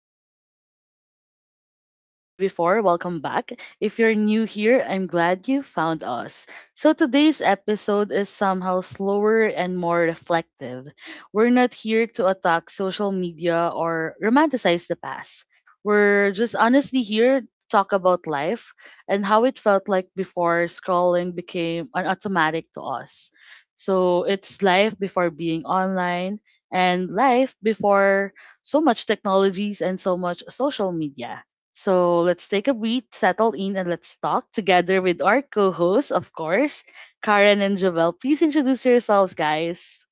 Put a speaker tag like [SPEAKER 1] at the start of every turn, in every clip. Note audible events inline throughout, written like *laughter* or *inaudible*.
[SPEAKER 1] to be back. If you've listened to me before, welcome back. If you're new here, I'm glad you found us. So today's episode is somehow slower and more reflective. We're not here to attack social media or romanticize the past. We're just honestly here to talk about life and how it felt like before scrolling became an automatic to us. So it's life before being online and life before so much technologies and so much social media. So let's take a breath, settle in, and let's talk together with our co hosts, of course, Karen and Javel. Please introduce yourselves, guys.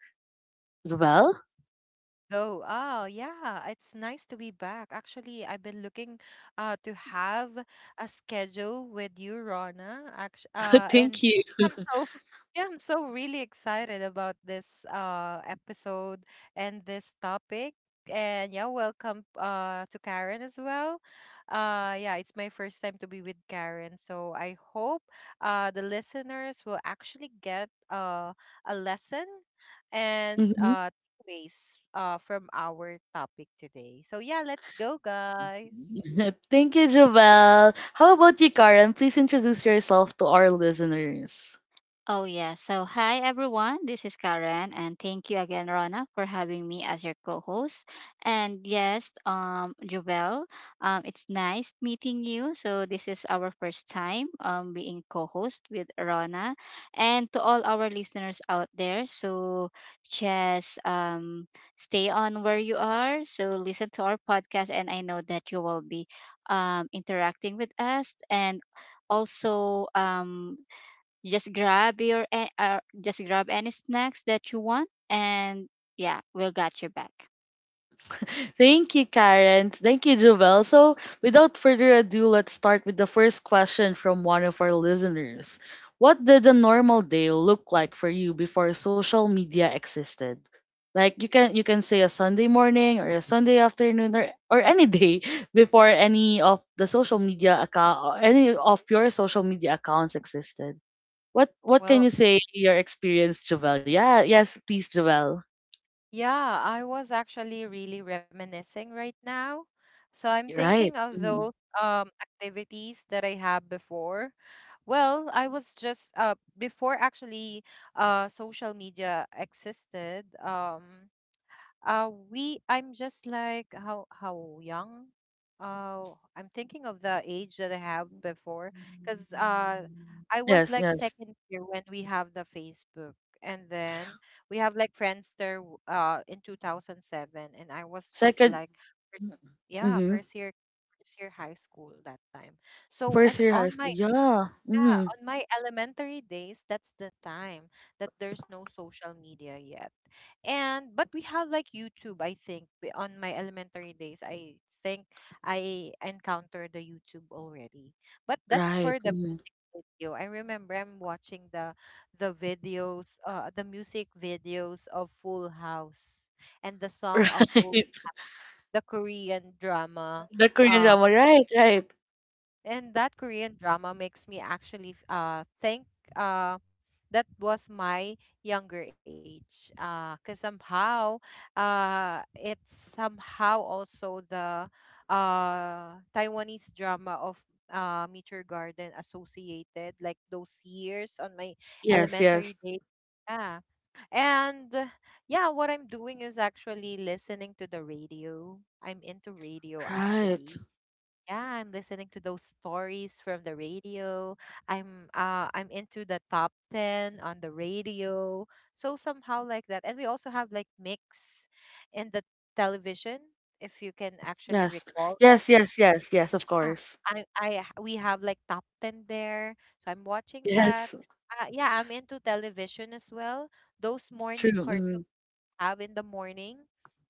[SPEAKER 1] Javel?
[SPEAKER 2] Go. Oh, yeah. It's nice to be back. Actually, I've been looking to have a schedule with you, Rana. Actually,
[SPEAKER 1] *laughs*
[SPEAKER 2] and
[SPEAKER 1] Thank you.
[SPEAKER 2] I'm so *laughs* yeah, I'm so really excited about this episode and this topic. And yeah, welcome to Karen as well. Yeah, it's my first time to be with Karen, so I hope the listeners will actually get a lesson and
[SPEAKER 1] Hmm.
[SPEAKER 2] uh takeaways from our topic today. So, yeah, let's go, guys.
[SPEAKER 1] *laughs* Thank you, Javel. How about you, Karen? Please introduce yourself to our listeners.
[SPEAKER 3] Oh, yeah. So, hi, everyone. This is Karen, and thank you again, Rona, for having me as your co host. And yes, Jovel, it's nice meeting you. So, this is our first time being co host with Rona. And to all our listeners out there, so just stay on where you are. So, listen to our podcast, and I know that you will be interacting with us and also you just grab just grab any snacks that you want, and yeah, we'll got your back.
[SPEAKER 1] Thank you, Karen. Thank you, Jovel. So, without further ado, let's start with the first question from one of our listeners. What did a normal day look like for you before social media existed? Like you can say a Sunday morning or a Sunday afternoon or any day *laughs* before any of the social media account or any of your social media accounts existed. What can
[SPEAKER 2] Well,
[SPEAKER 1] you say your experience, Jovel? Yeah, yes, please, Jovel.
[SPEAKER 2] yeah, I was actually really reminiscing right now. So I'm thinking
[SPEAKER 1] Right.
[SPEAKER 2] of
[SPEAKER 1] Mm-hmm.
[SPEAKER 2] those activities that I have before. Well, I was just before actually social media existed. We I'm just like how young. I'm thinking of the age that I have before, because I was
[SPEAKER 1] Yes,
[SPEAKER 2] like
[SPEAKER 1] yes.
[SPEAKER 2] second year when we have the Facebook, and then we have like Friendster in 2007, and I was just
[SPEAKER 1] Second,
[SPEAKER 2] like, fir- yeah,
[SPEAKER 1] mm-hmm.
[SPEAKER 2] first year high school that time. So
[SPEAKER 1] First
[SPEAKER 2] and
[SPEAKER 1] year high
[SPEAKER 2] on
[SPEAKER 1] school.
[SPEAKER 2] my
[SPEAKER 1] Yeah.
[SPEAKER 2] yeah,
[SPEAKER 1] Mm-hmm.
[SPEAKER 2] on my elementary days, that's the time that there's no social media yet. And but we have like YouTube, I think. On my elementary days, I think I encountered the YouTube already. But that's
[SPEAKER 1] Right.
[SPEAKER 2] for the
[SPEAKER 1] Mm-hmm.
[SPEAKER 2] music video. I remember I'm watching the videos, the music videos of Full House and the song of Full
[SPEAKER 1] *laughs*
[SPEAKER 2] the Korean
[SPEAKER 1] Right.
[SPEAKER 2] drama
[SPEAKER 1] The Korean
[SPEAKER 2] uh
[SPEAKER 1] drama. Right, right.
[SPEAKER 2] and that Korean drama makes me actually think uh that was my younger age cuz somehow it's somehow also the Taiwanese drama of Meteor Garden associated like those years on my
[SPEAKER 1] Yes,
[SPEAKER 2] elementary
[SPEAKER 1] yes.
[SPEAKER 2] days. Yeah and yeah, what I'm doing is actually listening to the radio. I'm into radio
[SPEAKER 1] Right.
[SPEAKER 2] actually. Yeah, I'm listening to those stories from the radio. I'm into the top 10 on the radio. So somehow like that. And we also have like mix in the television, if you can actually
[SPEAKER 1] Yes.
[SPEAKER 2] recall that.
[SPEAKER 1] Yes, yes, yes, yes, of
[SPEAKER 2] Ah,
[SPEAKER 1] course.
[SPEAKER 2] we have like top 10 there. So I'm watching that.
[SPEAKER 1] Yes.
[SPEAKER 2] Yeah, I'm into television as well. Those
[SPEAKER 1] True.
[SPEAKER 2] morning
[SPEAKER 1] Mm-hmm.
[SPEAKER 2] cartoons have in the morning.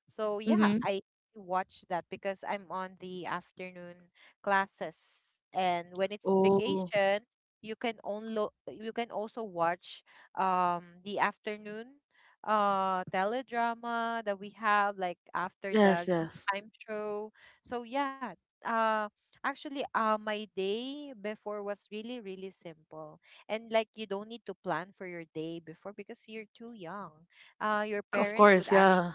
[SPEAKER 2] So yeah,
[SPEAKER 1] Mm-hmm.
[SPEAKER 2] I watch that because I'm on the afternoon classes. And when it's
[SPEAKER 1] Oh,
[SPEAKER 2] vacation, you can also watch the afternoon teledrama that we have like after
[SPEAKER 1] yes,
[SPEAKER 2] the
[SPEAKER 1] yes.
[SPEAKER 2] time show. So yeah, uh actually my day before was really really simple. And like you don't need to plan for your day before because you're too young. Your
[SPEAKER 1] Of
[SPEAKER 2] parents
[SPEAKER 1] course,
[SPEAKER 2] would actually
[SPEAKER 1] yeah.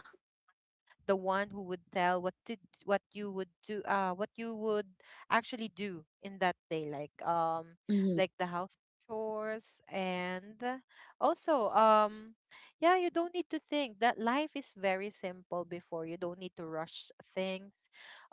[SPEAKER 2] the one who would tell what what you would do, what you would actually do in that day,
[SPEAKER 1] Mm-hmm.
[SPEAKER 2] like the house chores and also yeah, you don't need to think that life is very simple before. You don't need to rush things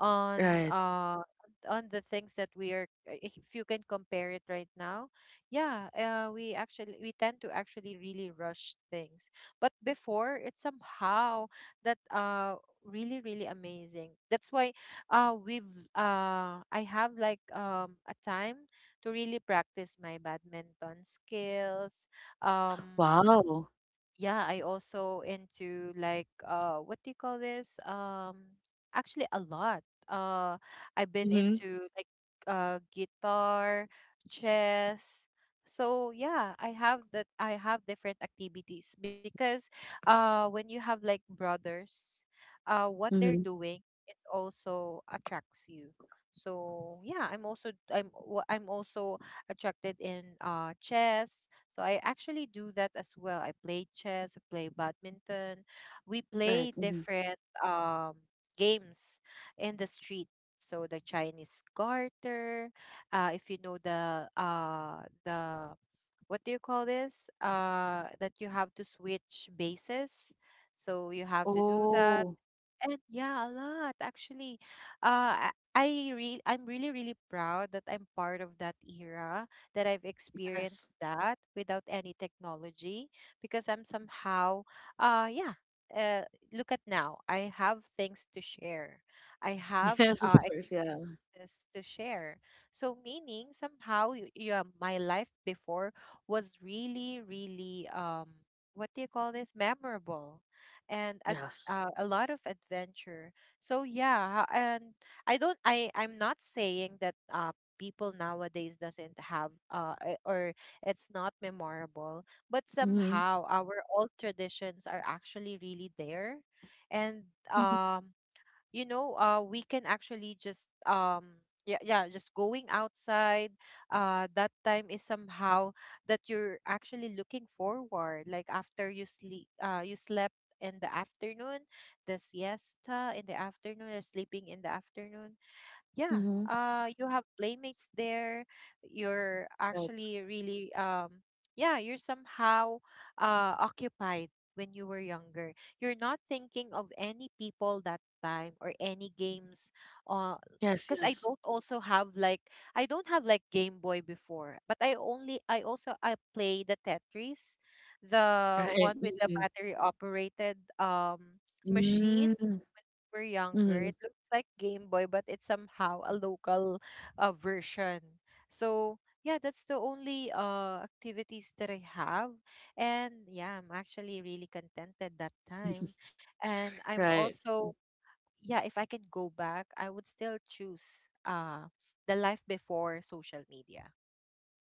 [SPEAKER 2] on
[SPEAKER 1] Right.
[SPEAKER 2] uh on the things that we are, if you can compare it right now. Yeah, we actually we tend to actually really rush things, but before, it somehow that really really amazing. That's why we've I have like a time to really practice my badminton skills. um
[SPEAKER 1] Wow.
[SPEAKER 2] yeah, I also into like, what do you call this, actually a lot. uh I've been
[SPEAKER 1] Mm-hmm.
[SPEAKER 2] into like guitar, chess. So yeah, I have that I have different activities because when you have like brothers, what they're
[SPEAKER 1] Mm-hmm.
[SPEAKER 2] doing, it also attracts you. So yeah, I'm also attracted in, chess. So I actually do that as well. I play chess, I play badminton. We
[SPEAKER 1] Right.
[SPEAKER 2] play
[SPEAKER 1] Mm-hmm.
[SPEAKER 2] different um, games in the street. So the Chinese garter, if you know the what do you call this? That you have to switch bases. So you have to do that.
[SPEAKER 1] Oh,
[SPEAKER 2] And yeah, a lot actually. Uh, I I I'm really really proud that I'm part of that era, that I've
[SPEAKER 1] yes.
[SPEAKER 2] experienced that without any technology, because I'm somehow yeah. Uh, Look at now. I have things to share. I have
[SPEAKER 1] *laughs* Yes, of course, yeah.
[SPEAKER 2] experiences to share. So, meaning somehow, yeah, my life before was really, really, what do you call this? Memorable and
[SPEAKER 1] Yes.
[SPEAKER 2] a lot of adventure. So, yeah, ha- and I don't, I'm not saying that people nowadays doesn't have, or it's not memorable, but
[SPEAKER 1] Mhm.
[SPEAKER 2] somehow our old traditions are actually really there. And,
[SPEAKER 1] Mhm.
[SPEAKER 2] um, you know we can actually just yeah, yeah, just going outside. That time is somehow that you're actually looking forward, like after you sleep, you slept in the afternoon, the siesta in the afternoon, or sleeping in the afternoon. Yeah,
[SPEAKER 1] Mhm.
[SPEAKER 2] you have playmates there. You're
[SPEAKER 1] Right.
[SPEAKER 2] actually really yeah, you're somehow occupied. When you were younger, you're not thinking of any people that time or any games, uh
[SPEAKER 1] Yes,
[SPEAKER 2] because I
[SPEAKER 1] yes.
[SPEAKER 2] don't also have like, I don't have like Game Boy before, but I only I also I play the Tetris, the
[SPEAKER 1] Right.
[SPEAKER 2] one with the
[SPEAKER 1] Mhm.
[SPEAKER 2] battery operated machine.
[SPEAKER 1] Mm.
[SPEAKER 2] We younger,
[SPEAKER 1] Mhm.
[SPEAKER 2] it looks like Game Boy, but it's somehow a local, version. So yeah, that's the only activities that I have. And yeah, I'm actually really contented that time. And I'm
[SPEAKER 1] Right.
[SPEAKER 2] also yeah, if I can go back, I would still choose the life before social media.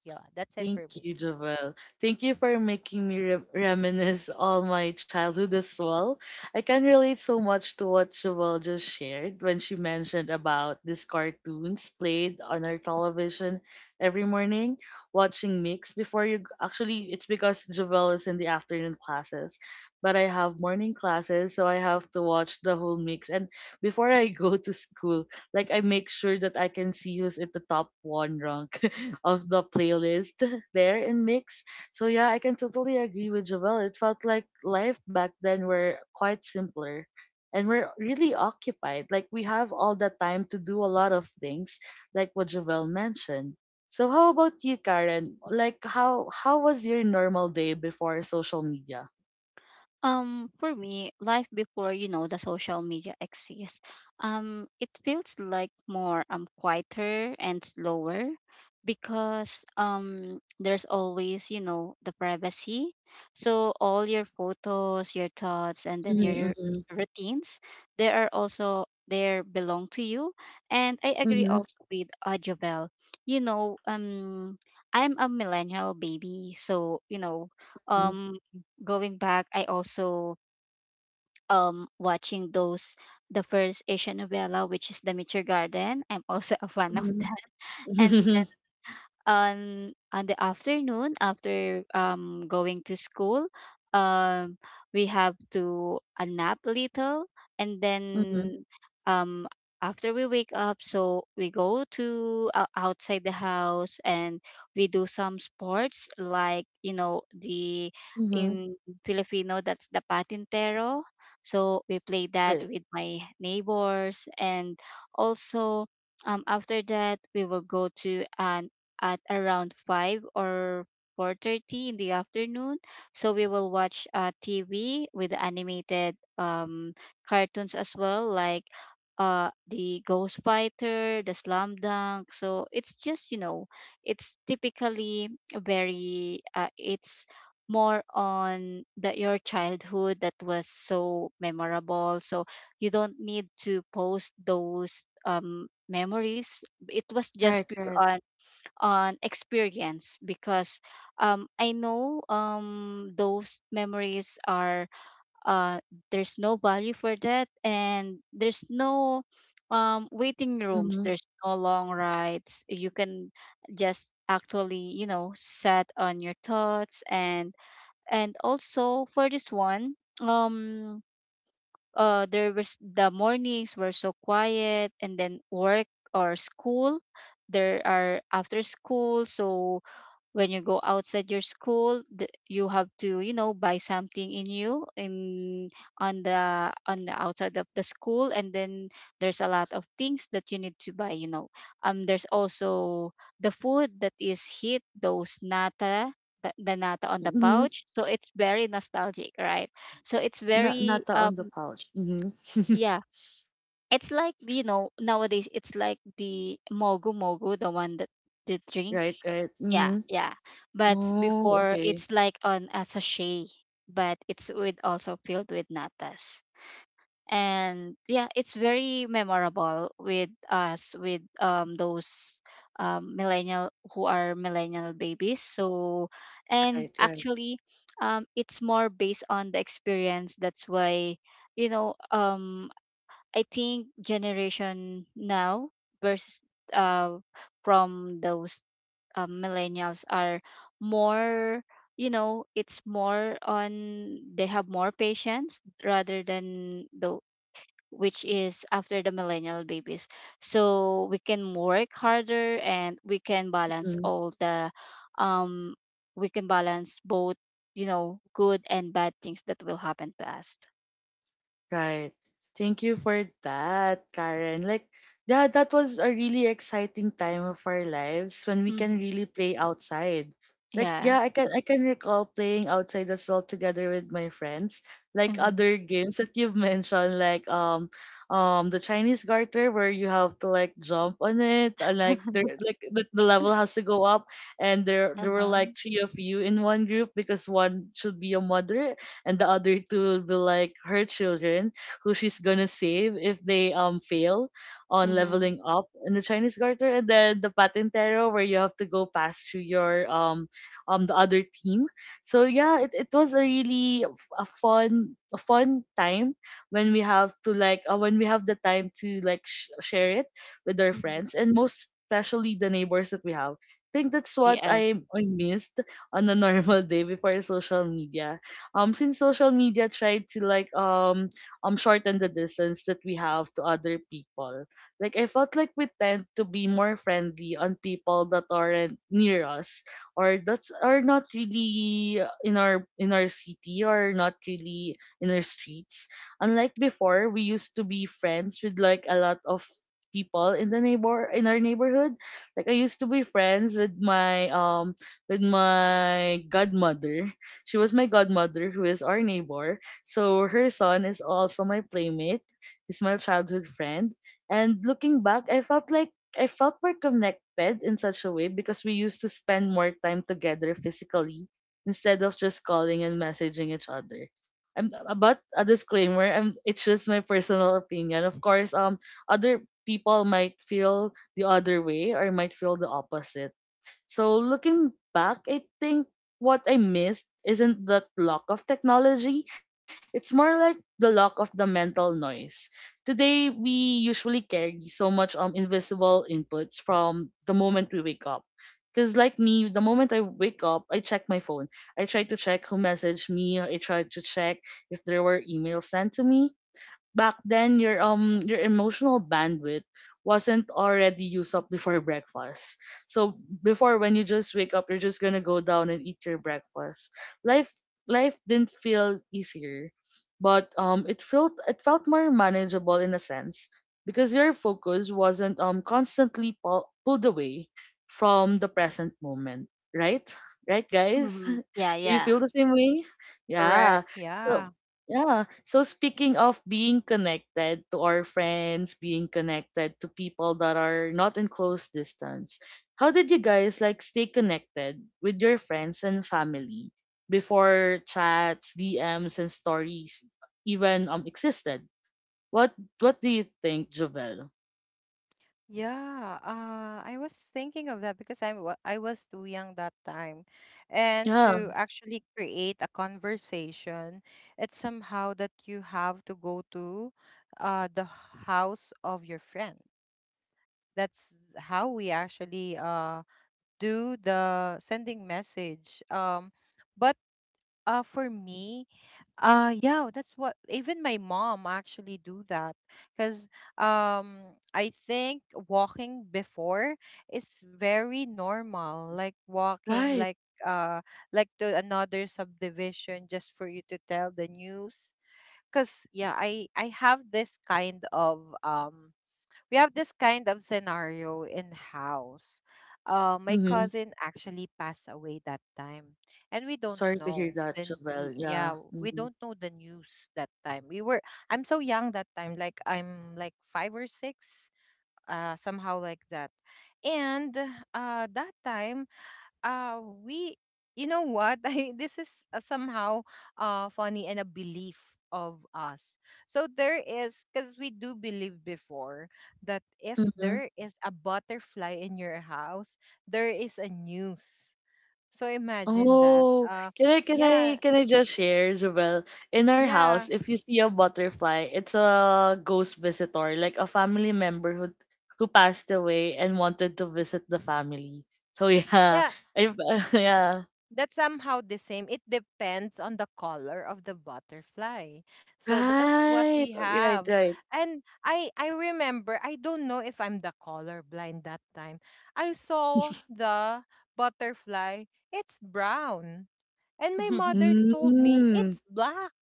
[SPEAKER 2] Yeah, that's it
[SPEAKER 1] Thank
[SPEAKER 2] for me.
[SPEAKER 1] you, Jovel. Thank you for making me reminisce all my childhood as well. I can relate so much to what Jovel just shared when she mentioned about these cartoons played on our television every morning, watching mix before you. Actually, it's because Jovel is in the afternoon classes, but I have morning classes, so I have to watch the whole mix. And before I go to school, like I make sure that I can see who's at the top one rank of the playlist *laughs* there in mix. So yeah, I can totally agree with Jovel. It felt like life back then were quite simpler and we're really occupied. Like we have all the time to do a lot of things, like what Jovel mentioned. So how about you, Karen? Like how was your normal day before social media?
[SPEAKER 3] For me, life before, the social media exists, it feels like more quieter and slower because there's always, the privacy. So all your photos, your thoughts, and then
[SPEAKER 1] Mm-hmm,
[SPEAKER 3] your
[SPEAKER 1] mm-hmm,
[SPEAKER 3] routines, they are also there belong to you. And I agree
[SPEAKER 1] mm-hmm,
[SPEAKER 3] also with Jovel. You know, I'm a millennial baby, so um going back, I also watching those the first Asian novella, which is The Mature Garden. I'm also a fan of
[SPEAKER 1] mm-hmm,
[SPEAKER 3] that. And
[SPEAKER 1] mm-hmm,
[SPEAKER 3] on the afternoon after going to school, um we have to a nap little, and then um after we wake up, so we go to outside the house, and we do some sports like, you know, the
[SPEAKER 1] mm-hmm.
[SPEAKER 3] in
[SPEAKER 1] *laughs*
[SPEAKER 3] Filipino, that's the patintero. So we play that
[SPEAKER 1] Right,
[SPEAKER 3] with my neighbors. And also, after that, we will go to an at around 5 or 4:30 in the afternoon. So we will watch TV with animated cartoons as well, like the Ghost Fighter, the Slam Dunk. So it's just, it's typically very it's more on the your childhood that was so memorable. So you don't need to post those memories. It was just
[SPEAKER 1] right,
[SPEAKER 3] pure
[SPEAKER 1] right.
[SPEAKER 3] on experience because I know those memories are uh, there's no value for that, and there's no waiting rooms,
[SPEAKER 1] Mm-hmm,
[SPEAKER 3] there's no long rides. You can just actually set on your thoughts. And also for this one, um the mornings were so quiet. And then work or school, there are after school. So when you go outside your school, you have to buy something in you in on the outside of the school. And then there's a lot of things that you need to buy. There's also the food that is hit those nata, the nata on the
[SPEAKER 1] mm-hmm.
[SPEAKER 3] pouch. So it's very nostalgic, right? So it's
[SPEAKER 1] Na
[SPEAKER 3] very
[SPEAKER 1] nata on the pouch. Mhm. *laughs*
[SPEAKER 3] yeah, it's like, you know, nowadays it's like the mogu mogu, the one that, the drink.
[SPEAKER 1] Right, right.
[SPEAKER 3] Yeah,
[SPEAKER 1] Mhm.
[SPEAKER 3] yeah. But
[SPEAKER 1] Oh,
[SPEAKER 3] before,
[SPEAKER 1] okay.
[SPEAKER 3] it's like on a sachet, but it's with also filled with natas. And yeah, it's very memorable with us with those millennial, who are millennial babies. So, and
[SPEAKER 1] Right, right.
[SPEAKER 3] actually, it's more based on the experience. That's why, you know um I think generation now versus uh from those millennials are more, it's more on, they have more patience rather than the, which is after the millennial babies. So we can work harder, and we can balance
[SPEAKER 1] Mhm.
[SPEAKER 3] all the, um we can balance both, good and bad things that will happen to us.
[SPEAKER 1] Right. Thank you for that, Karen. Like, yeah, that was a really exciting time of our lives when we can
[SPEAKER 3] Hmm.
[SPEAKER 1] really play outside. Like,
[SPEAKER 3] Yeah.
[SPEAKER 1] yeah, I can recall playing outside as well together with my friends. Like
[SPEAKER 3] Mm-hmm.
[SPEAKER 1] other games that you've mentioned, like the Chinese garter where you have to like jump on it and like there
[SPEAKER 3] *laughs*
[SPEAKER 1] like the level has to go up, and there were
[SPEAKER 3] Uh-huh.
[SPEAKER 1] like three of you in one group because one should be a mother and the other two will be like her children who she's gonna save if they fail on
[SPEAKER 3] Mm-hmm.
[SPEAKER 1] leveling up in the Chinese garter, and then the patentero where you have to go past through your the other team. So yeah, it was a really a fun time when we have to like when we have the time to like share it with our
[SPEAKER 3] Mm-hmm.
[SPEAKER 1] friends and most especially the neighbors that we have. I think that's what
[SPEAKER 3] Yes.
[SPEAKER 1] I missed on a *laughs* normal day before social media, since social media tried to like shorten the distance that we have to other people. Like I felt like we tend to be more friendly on people that aren't near us or that's are not really in our city or not really in our streets. Unlike before, we used to be friends with like a lot of people in the neighbor in our neighborhood. Like I used to be friends with my godmother. She was my godmother, who is our neighbor. So her son is also my playmate. He's my childhood friend. And looking back, I felt like I felt more connected in such a way because we used to spend more time together physically instead of just calling and messaging each other. I'm, but a disclaimer, it's just my personal opinion. Of course, other people might feel the other way or might feel the opposite. So looking back, I think what I missed isn't that lack of technology. It's more like the lack of the mental noise. Today we usually carry so much invisible inputs from the moment we wake up. Cause like me, the moment I wake up, I check my phone. I try to check who messaged me. I try to check if there were emails sent to me. Back then, your emotional bandwidth wasn't already used up before breakfast. So before, when you just wake up, you're just gonna go down and eat your breakfast. Life life didn't feel easier, but it felt more manageable in a sense because your focus wasn't constantly pulled away from the present moment, right? Right, guys? *laughs*
[SPEAKER 3] Mm-hmm.
[SPEAKER 1] Do
[SPEAKER 3] Yeah,
[SPEAKER 1] you
[SPEAKER 3] yeah.
[SPEAKER 1] feel the same way? Yeah.
[SPEAKER 2] Correct.
[SPEAKER 1] So
[SPEAKER 2] Yeah.
[SPEAKER 1] yeah. So speaking of being connected to our friends, being connected to people that are not in close distance, how did you guys like stay connected with your friends and family before chats, DMs, and stories even existed? What What do you think, Jovel?
[SPEAKER 2] Yeah, I was thinking of that because I was too young that time. And
[SPEAKER 1] Yeah.
[SPEAKER 2] to actually create a conversation, it's somehow that you have to go to the house of your friend. That's how we actually do the sending message. But For me, yeah, that's what even my mom actually do that, cuz I think walking before is very normal, like walking
[SPEAKER 1] Right.
[SPEAKER 2] like uh like to another subdivision just for you to tell the news, cuz yeah, I have this kind of we have this kind of scenario in house. My
[SPEAKER 1] Mm-hmm.
[SPEAKER 2] cousin actually passed away that time, and we don't
[SPEAKER 1] Sorry to hear
[SPEAKER 2] know.
[SPEAKER 1] that,
[SPEAKER 2] Then
[SPEAKER 1] Jovel. Yeah.
[SPEAKER 2] yeah, we don't know the news that time. We were I'm so young that time, like I'm like five or six, somehow like that. And that time we you know what, *laughs* this is somehow funny, and a belief of us. So there is, because we do believe before that if
[SPEAKER 1] Mm-hmm.
[SPEAKER 2] there is a butterfly in your house, there is a news. So imagine that.
[SPEAKER 1] Oh, can I can I
[SPEAKER 2] Yeah,
[SPEAKER 1] can I just share, Jovel? In our
[SPEAKER 2] yeah,
[SPEAKER 1] house, if you see a butterfly, it's a ghost visitor, like a family member who passed away and wanted to visit the family. So yeah,
[SPEAKER 2] yeah,
[SPEAKER 1] I, *laughs* yeah,
[SPEAKER 2] that's somehow the same. It depends on the color of the butterfly. So that's what
[SPEAKER 1] right,
[SPEAKER 2] we
[SPEAKER 1] right,
[SPEAKER 2] have.
[SPEAKER 1] right.
[SPEAKER 2] And I remember, I don't know if I'm the color blind that time. I saw the butterfly. It's brown. And
[SPEAKER 3] *laughs*
[SPEAKER 2] my
[SPEAKER 3] Mm-hmm.
[SPEAKER 2] mother told me
[SPEAKER 1] Mm.
[SPEAKER 2] it's black.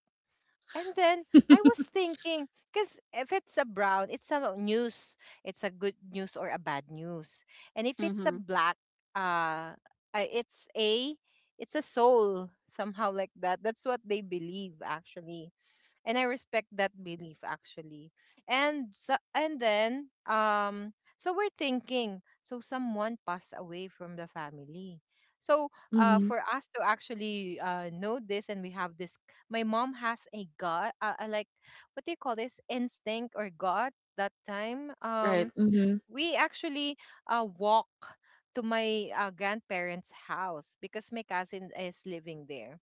[SPEAKER 2] And then I was
[SPEAKER 1] *laughs*
[SPEAKER 2] thinking, because if it's a brown, it's a news. It's a good news or a bad news. And if it's a black, uh, uh, it's a it's a soul, somehow like that. That's what they believe actually, and I respect that belief actually. And so, and then so we're thinking so someone passed away from the family. So
[SPEAKER 1] Mm-hmm.
[SPEAKER 2] for us to actually know this, and we have this, my mom has a gut, like what do you call this, instinct or gut that time.
[SPEAKER 1] Right. Mm-hmm.
[SPEAKER 2] We actually walk to my grandparents' house, because my cousin is living there.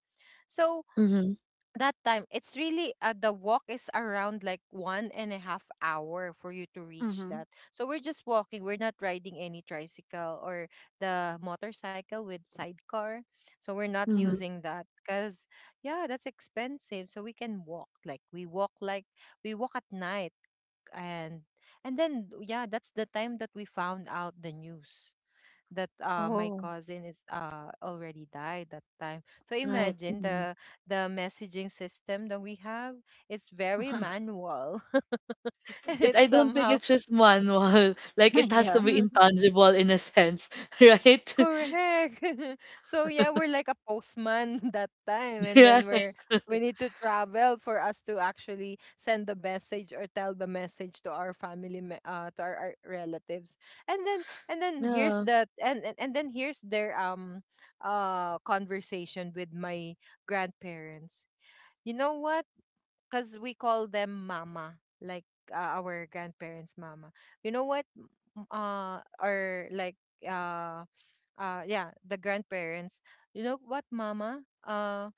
[SPEAKER 2] So
[SPEAKER 1] Mm-hmm.
[SPEAKER 2] that time it's really, the walk is around like 1.5 hour for you to reach
[SPEAKER 3] Mm-hmm.
[SPEAKER 2] that, so we're just walking. We're not riding any tricycle or the motorcycle with sidecar, so we're not
[SPEAKER 1] Mm-hmm.
[SPEAKER 3] Mhm.
[SPEAKER 2] using that because yeah, that's expensive, so we can walk like we walk at night. and and then yeah, that's the time that we found out the news that my
[SPEAKER 3] Oh.
[SPEAKER 2] cousin is already died that time. So
[SPEAKER 1] Right.
[SPEAKER 2] imagine
[SPEAKER 1] Mm-hmm.
[SPEAKER 2] the messaging system that we have is very
[SPEAKER 3] *laughs*
[SPEAKER 2] manual *laughs* and
[SPEAKER 1] I
[SPEAKER 2] it's
[SPEAKER 1] don't think
[SPEAKER 2] somehow
[SPEAKER 1] it's just manual. *laughs* Like it has to
[SPEAKER 3] Yeah.
[SPEAKER 1] be
[SPEAKER 2] *laughs*
[SPEAKER 1] intangible in a sense, *laughs* right?
[SPEAKER 2] Correct. *laughs* So yeah, we're like a postman *laughs* that time,
[SPEAKER 1] *laughs*
[SPEAKER 2] and
[SPEAKER 1] Right.
[SPEAKER 2] then we're we need to travel for us to actually send the message or tell the message to our family, to our relatives. And then here's
[SPEAKER 1] Yeah.
[SPEAKER 2] that, and then here's their conversation with my grandparents. You know what? Because we call them mama, like our grandparents' mama. You know what? M- or like Yeah, the grandparents. You know what, mama?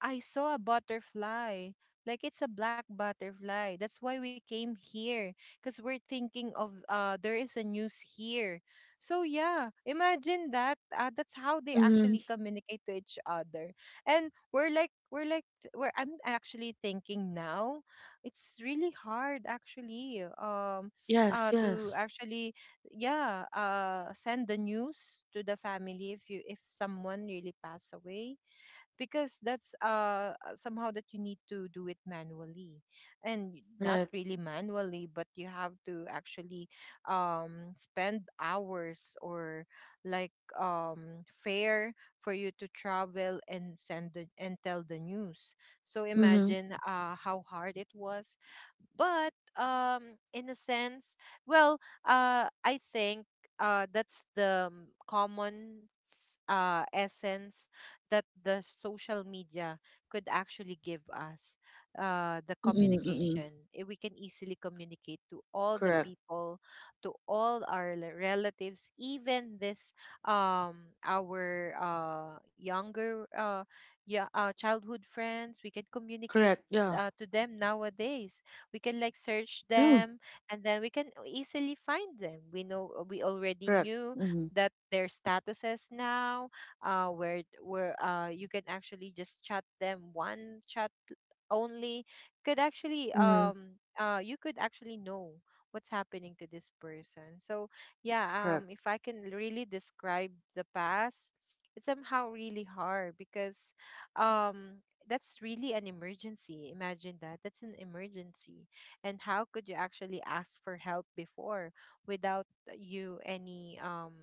[SPEAKER 2] I saw a butterfly. Like it's a black butterfly. That's why we came here, because we're thinking of there is a news here. So yeah, imagine that. That's how they
[SPEAKER 1] Mm-hmm.
[SPEAKER 2] actually communicate to each other. And we're like we're like we're I'm actually thinking now. It's really hard actually.
[SPEAKER 1] Yes,
[SPEAKER 2] To
[SPEAKER 1] yes.
[SPEAKER 2] actually, yeah, send the news to the family if you if someone really pass away, because that's somehow that you need to do it manually. And not
[SPEAKER 1] Right.
[SPEAKER 2] really manually, but you have to actually spend hours or, like, fare for you to travel and send the, and tell the news. So
[SPEAKER 1] Mm-hmm.
[SPEAKER 2] imagine how hard it was. But in a sense, well, I think that's the common essence that the social media could actually give us, the
[SPEAKER 1] Mm-mm, mm-mm.
[SPEAKER 2] communication. We can easily communicate to all the
[SPEAKER 1] Correct.
[SPEAKER 2] people, to all our relatives, even this our younger yeah childhood friends. We can communicate
[SPEAKER 1] Correct. Yeah.
[SPEAKER 2] to them nowadays. We can, like, search
[SPEAKER 1] Mm.
[SPEAKER 2] them, and then we can easily find them. We know, we already
[SPEAKER 1] Correct.
[SPEAKER 2] knew
[SPEAKER 1] Mm-hmm.
[SPEAKER 2] that their statuses now, where you can actually just chat them. One chat only could actually
[SPEAKER 1] Mm-hmm.
[SPEAKER 2] you could actually know what's happening to this person. So yeah.
[SPEAKER 1] Correct.
[SPEAKER 2] If I can really describe the past, it's somehow really hard because, that's really an emergency. Imagine that, that's an emergency. And how could you actually ask for help before without you any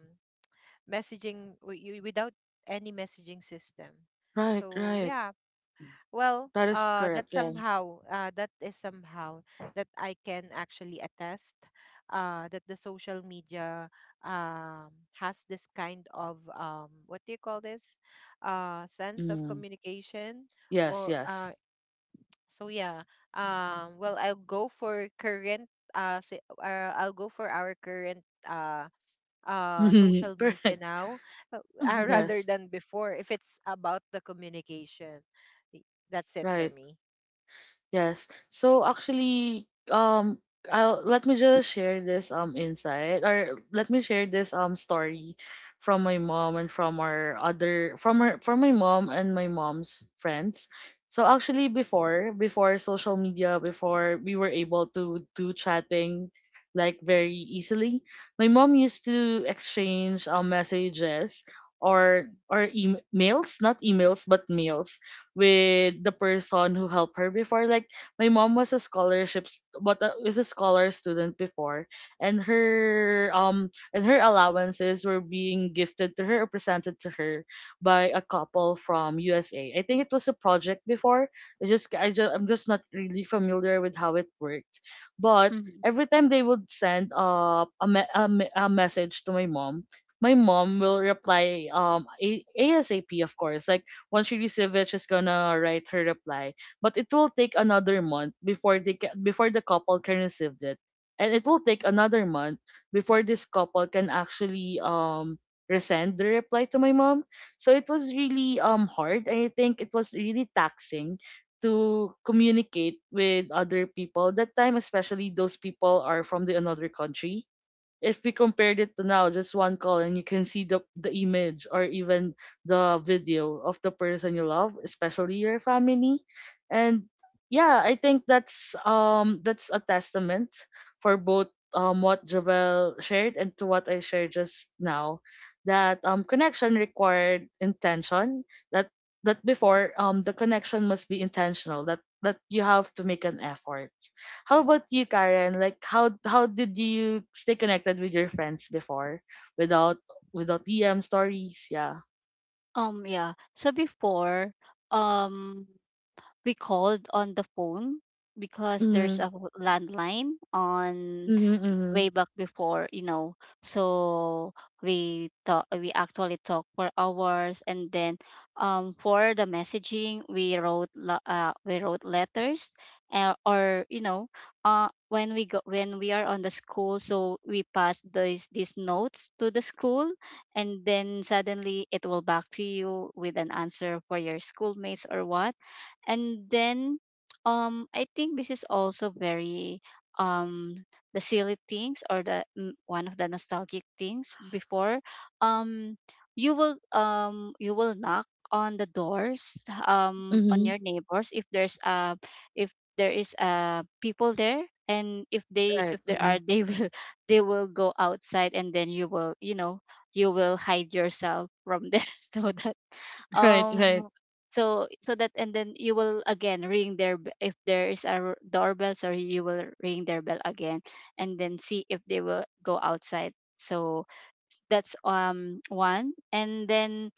[SPEAKER 2] messaging, without any messaging system?
[SPEAKER 1] Right,
[SPEAKER 2] So
[SPEAKER 1] right.
[SPEAKER 2] yeah, well,
[SPEAKER 1] That is
[SPEAKER 2] that
[SPEAKER 1] correct. Yeah.
[SPEAKER 2] somehow, that is somehow that I can actually attest, that the social media um has this kind of what do you call this, sense of
[SPEAKER 1] Mm.
[SPEAKER 2] communication
[SPEAKER 1] Yes,
[SPEAKER 2] or.
[SPEAKER 1] yes.
[SPEAKER 2] So yeah, well, I'll go for current. I'll go for our current. Social
[SPEAKER 1] *laughs*
[SPEAKER 2] media
[SPEAKER 1] Correct.
[SPEAKER 2] now, uh, rather
[SPEAKER 1] Yes.
[SPEAKER 3] *laughs*
[SPEAKER 2] than before, if it's about the communication. Y- that's it for
[SPEAKER 1] Right.
[SPEAKER 2] me.
[SPEAKER 1] Yes. So actually, um, I'll let me just share this insight, or let me share this story from my mom and from our other from her from my mom and my mom's friends. So actually, before social media, before we were able to do chatting like very easily, my mom used to exchange messages or emails, not emails but mails, with the person who helped her before. Like my mom was a scholarship, but is a scholar student before, and her allowances were being gifted to her or presented to her by a couple from USA. I think it was a project before. I'm just not really familiar with how it worked, but
[SPEAKER 3] Mhm.
[SPEAKER 1] every time they would send a message to my mom, my mom will reply asap, of course, like once she receives it, she's gonna write her reply. But it will take another month before before the couple can receive it, and it will take another month before this couple can actually resend the reply to my mom. So it was really hard. I think it was really taxing to communicate with other people that time, especially those people are from the another country. If we compared it to now, just one call and you can see the image or even the video of the person you love, especially your family. And yeah, I think that's a testament for both what Javel shared and to what I shared just now, that connection required intention, that that before the connection must be intentional, that you have to make an effort. How about you, Karen? Like how did you stay connected with your friends before without without DM stories? Yeah.
[SPEAKER 3] Yeah. So before, um, we called on the phone because there's
[SPEAKER 1] Mm-hmm.
[SPEAKER 3] a landline on
[SPEAKER 1] Mm-hmm.
[SPEAKER 3] way back before, you know. So we actually talk for hours. And then for the messaging, we wrote letters, or, you know, when we are on the school. So we pass these notes to the school, and then suddenly it will back to you with an answer for your schoolmates or what. And then I think this is also very um the silly things, or the one of the nostalgic things before. um you will, knock on the doors on
[SPEAKER 1] Mm-hmm.
[SPEAKER 3] your neighbors, if there's uh, if there is people there. And
[SPEAKER 1] Right.
[SPEAKER 3] if there
[SPEAKER 1] Mm-hmm.
[SPEAKER 3] are, they will *laughs* they will go outside. And then you will hide yourself from there *laughs* so that,
[SPEAKER 1] *laughs* Right.
[SPEAKER 3] um
[SPEAKER 1] Right.
[SPEAKER 3] that. And then you will again ring their if there is a doorbell, sorry, you will ring their bell again, and then see if they will go outside. So that's one. And then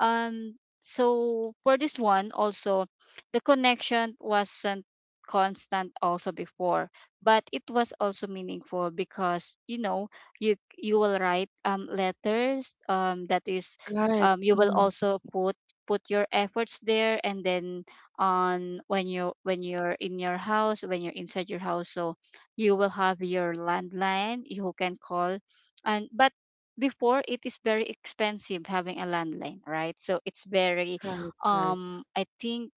[SPEAKER 3] so for this one also, the connection wasn't constant also before, but it was also meaningful. Because you will write letters that is,
[SPEAKER 1] Right.
[SPEAKER 3] you will
[SPEAKER 1] Mm-hmm.
[SPEAKER 3] also put your efforts there. And then on when you're in your house, when you're inside your house, so you will have your landline, you can call. And But before, it is very expensive having a landline, right? So it's very,
[SPEAKER 1] Right. Right.
[SPEAKER 3] I think,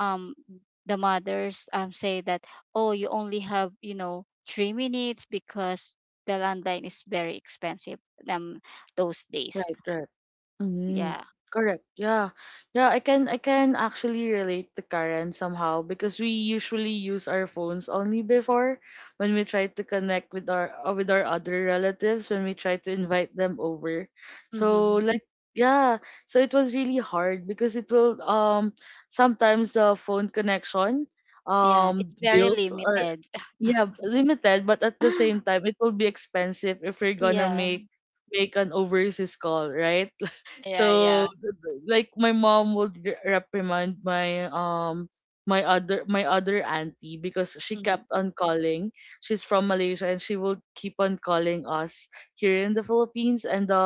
[SPEAKER 3] um the mothers say that, oh, you only have 3 minutes because the landline is very expensive um those days.
[SPEAKER 1] Right, right. Mm,
[SPEAKER 3] Yeah.
[SPEAKER 1] correct. Yeah. Yeah, I can actually relate to Karen somehow because we usually use our phones only before when we try to connect with our other relatives when we try to invite them over. So
[SPEAKER 3] Hmm.
[SPEAKER 1] like yeah, so it was really hard because it will sometimes the phone connection
[SPEAKER 3] Yeah, it's very
[SPEAKER 1] bills, or
[SPEAKER 3] limited.
[SPEAKER 1] yeah, limited, but at the same time,
[SPEAKER 3] *laughs*
[SPEAKER 1] it will be expensive if you're gonna
[SPEAKER 3] Yeah.
[SPEAKER 1] make an overseas call, right? *laughs*
[SPEAKER 3] Yeah,
[SPEAKER 1] so,
[SPEAKER 3] yeah.
[SPEAKER 1] th- th- like, my mom would reprimand my my other auntie because she
[SPEAKER 3] Mm-hmm.
[SPEAKER 1] kept on calling. She's from Malaysia and she will keep on calling us here in the Philippines, and the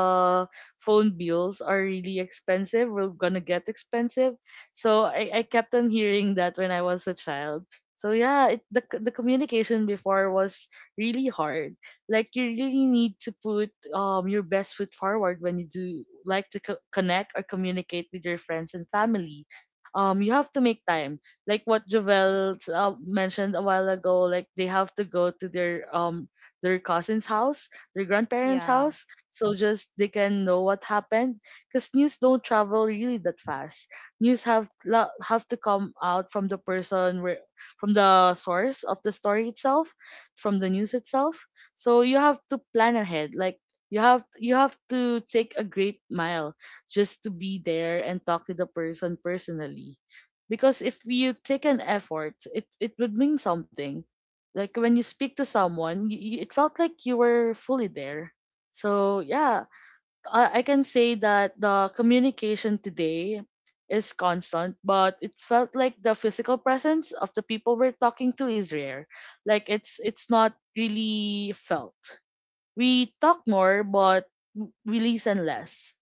[SPEAKER 1] phone bills are really expensive. We're gonna get expensive. So I kept on hearing that when I was a child so yeah, the communication before was really hard. Like you really need to put your best foot forward when you do like to connect or communicate with your friends and family. You have to make time. Like what Jovel mentioned a while ago, like they have to go to their their cousin's house, their grandparents'
[SPEAKER 2] Yeah,
[SPEAKER 1] house, so just they can know what happened. Cause news don't travel really that fast news have to come out from the person where from the source of the story itself, from the news itself. So you have to plan ahead. Like you have to take a great mile just to be there and talk to the person personally. Because if you take an effort, it would mean something. Like when you speak to someone, you, it felt like you were fully there. So yeah, I can say that the communication today is constant, but it felt like the physical presence of the people we're talking to is rare. Like it's not really felt. We talk more, but we listen less.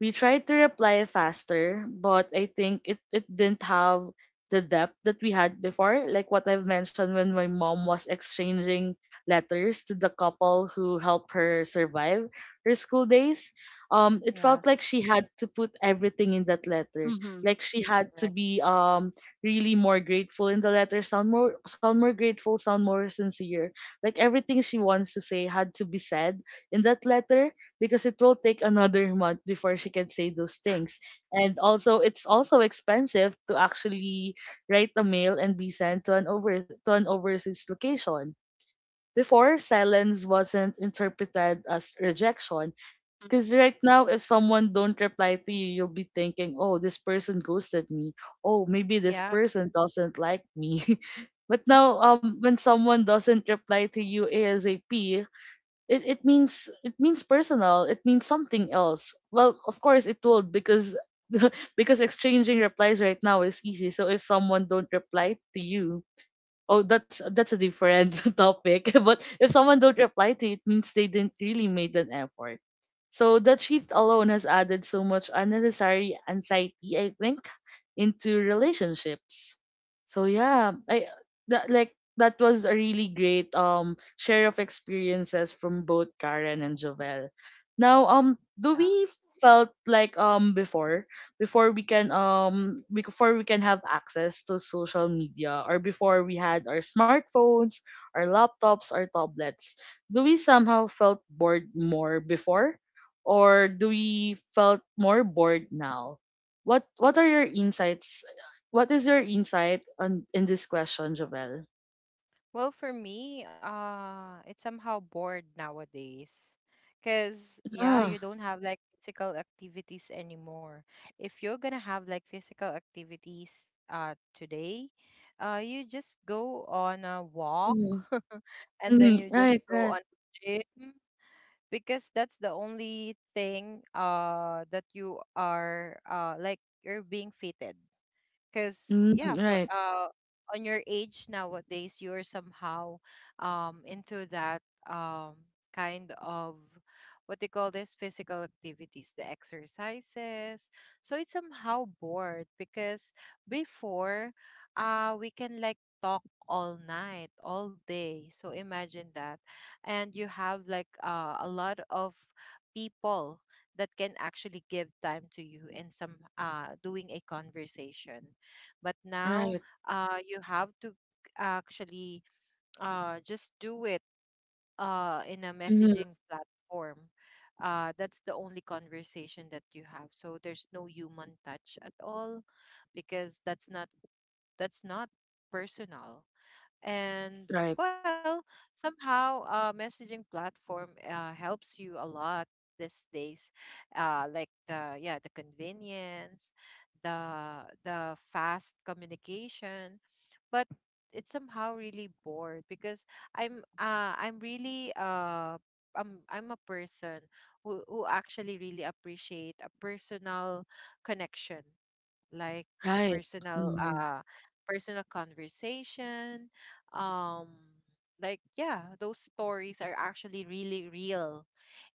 [SPEAKER 1] We tried to reply faster, but I think it didn't have the depth that we had before. Like what I've mentioned when my mom was exchanging letters to the couple who helped her survive her school days. It felt
[SPEAKER 2] yeah,
[SPEAKER 1] like she had to put everything in that letter.
[SPEAKER 3] Mm-hmm.
[SPEAKER 1] Like she had to
[SPEAKER 2] correct.
[SPEAKER 1] be really more grateful in the letter, sound more grateful, sound more sincere. Like everything she wants to say had to be said in that letter because it will take another month before she can say those things. And also, it's also expensive to actually write a mail and be sent to an overseas location. Before, silence wasn't interpreted as rejection. Because right now, if someone don't reply to you, you'll be thinking, oh, this person ghosted me. Oh, maybe this
[SPEAKER 2] Yeah,
[SPEAKER 1] person doesn't like me. *laughs* But now, when someone doesn't reply to you ASAP, it means something else well of course it would because *laughs* because exchanging replies right now is easy so if someone don't reply to you. Oh, that's a different *laughs* topic. *laughs* But if someone don't reply to you, it means they didn't really made an effort. So that shift alone has added so much unnecessary anxiety, I think, into relationships. So yeah, I that was a really great share of experiences from both Karen and Jovel. Now do
[SPEAKER 2] yeah.
[SPEAKER 1] we felt like before before we can have access to social media or before we had our smartphones, our laptops, our tablets, do we somehow felt bored more before or do we felt more bored now? What are your insights? What is your insight on in this question, Javel?
[SPEAKER 2] Well, for me, it's somehow bored nowadays. Because, yeah, you
[SPEAKER 1] Ah.
[SPEAKER 2] don't have, like, physical activities anymore. If you're gonna have, like, physical activities today, you just go on a walk
[SPEAKER 1] Mm-hmm.
[SPEAKER 2] *laughs* and then you
[SPEAKER 1] Mm-hmm.
[SPEAKER 2] just
[SPEAKER 1] Right,
[SPEAKER 2] go
[SPEAKER 1] right.
[SPEAKER 2] on gym, because that's the only thing that you are, like, you're being fitted, because yeah,
[SPEAKER 1] Mm-hmm.
[SPEAKER 2] for
[SPEAKER 1] Right,
[SPEAKER 2] on your age nowadays, you're somehow into that um kind of what they call this physical activities, the exercises. So it's somehow bored because before, we can, like, talk all night, all day, so imagine that. And you have like a lot of people that can actually give time to you and some doing a conversation. But now,
[SPEAKER 1] right.
[SPEAKER 2] you have to actually just do it in a
[SPEAKER 1] Mm-hmm.
[SPEAKER 2] messaging platform. That's the only conversation that you have. So there's no human touch at all, because that's not, that's not personal.
[SPEAKER 1] Right,
[SPEAKER 2] And, well, somehow messaging platform helps you a lot these days, like the, yeah, the convenience, the fast communication. But it's somehow really bored because i'm uh, i'm really uh I'm a person who actually really appreciate a personal connection, like the
[SPEAKER 1] right.
[SPEAKER 2] personal
[SPEAKER 1] Mm-hmm.
[SPEAKER 2] personal conversation. um like, yeah, those stories are actually really real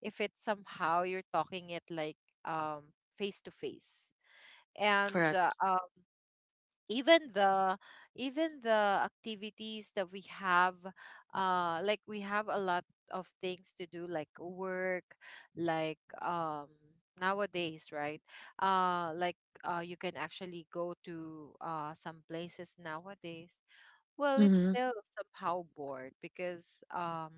[SPEAKER 2] if it's somehow you're talking it, like, face to face. And uh,
[SPEAKER 1] Correct.
[SPEAKER 2] even the, even the activities that we have, like we have a lot of things to do like work, like, nowadays, right? Like, you can actually go to some places nowadays. Well, it's
[SPEAKER 1] Mm-hmm.
[SPEAKER 2] still somehow bored because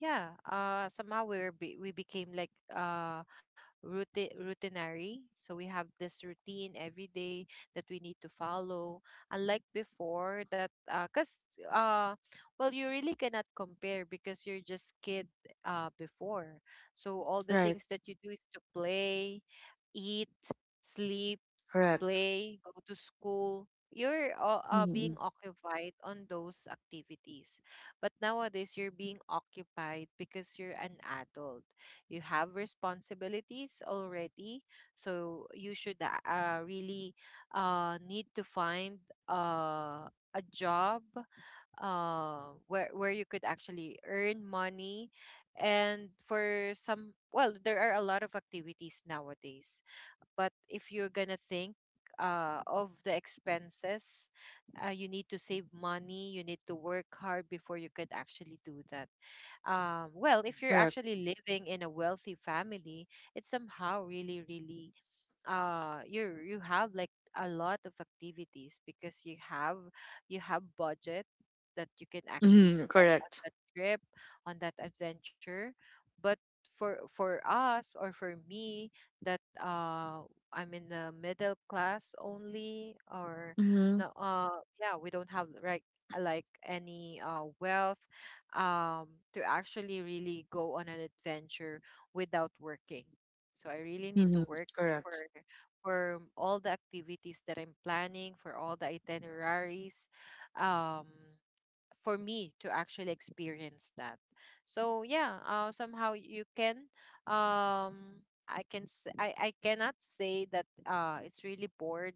[SPEAKER 2] yeah, somehow we're we became like routine routinary, so we have this routine every day that we need to follow, unlike before. That because, uh well, you really cannot compare because you're just kid before. So all the
[SPEAKER 1] Right,
[SPEAKER 2] things that you do is to play, eat, sleep,
[SPEAKER 1] correct.
[SPEAKER 2] play, go to school. You're being
[SPEAKER 1] Mhm.
[SPEAKER 2] occupied on those activities. But nowadays, you're being occupied because you're an adult. You have responsibilities already. So you should really need to find a job where you could actually earn money. And for some, well, there are a lot of activities nowadays, but if you're gonna think of the expenses, you need to save money. You need to work hard before you could actually do that. Well, if you're
[SPEAKER 1] Correct.
[SPEAKER 2] actually living in a wealthy family, it's somehow really, really you, you have like a lot of activities because you have, you have budget that you can actually
[SPEAKER 1] Mhm.
[SPEAKER 2] spend
[SPEAKER 1] Correct.
[SPEAKER 2] on that trip, on that adventure. But for us, or for me, that I'm in the middle class only, or
[SPEAKER 1] Mhm.
[SPEAKER 2] no, yeah, we don't have like any wealth um to actually really go on an adventure without working. So I really need to
[SPEAKER 1] Mhm.
[SPEAKER 2] work
[SPEAKER 1] Correct.
[SPEAKER 2] for for all the activities that I'm planning, for all the itineraries. Um, for me to actually experience that. So yeah, somehow you can, I cannot say that it's really bored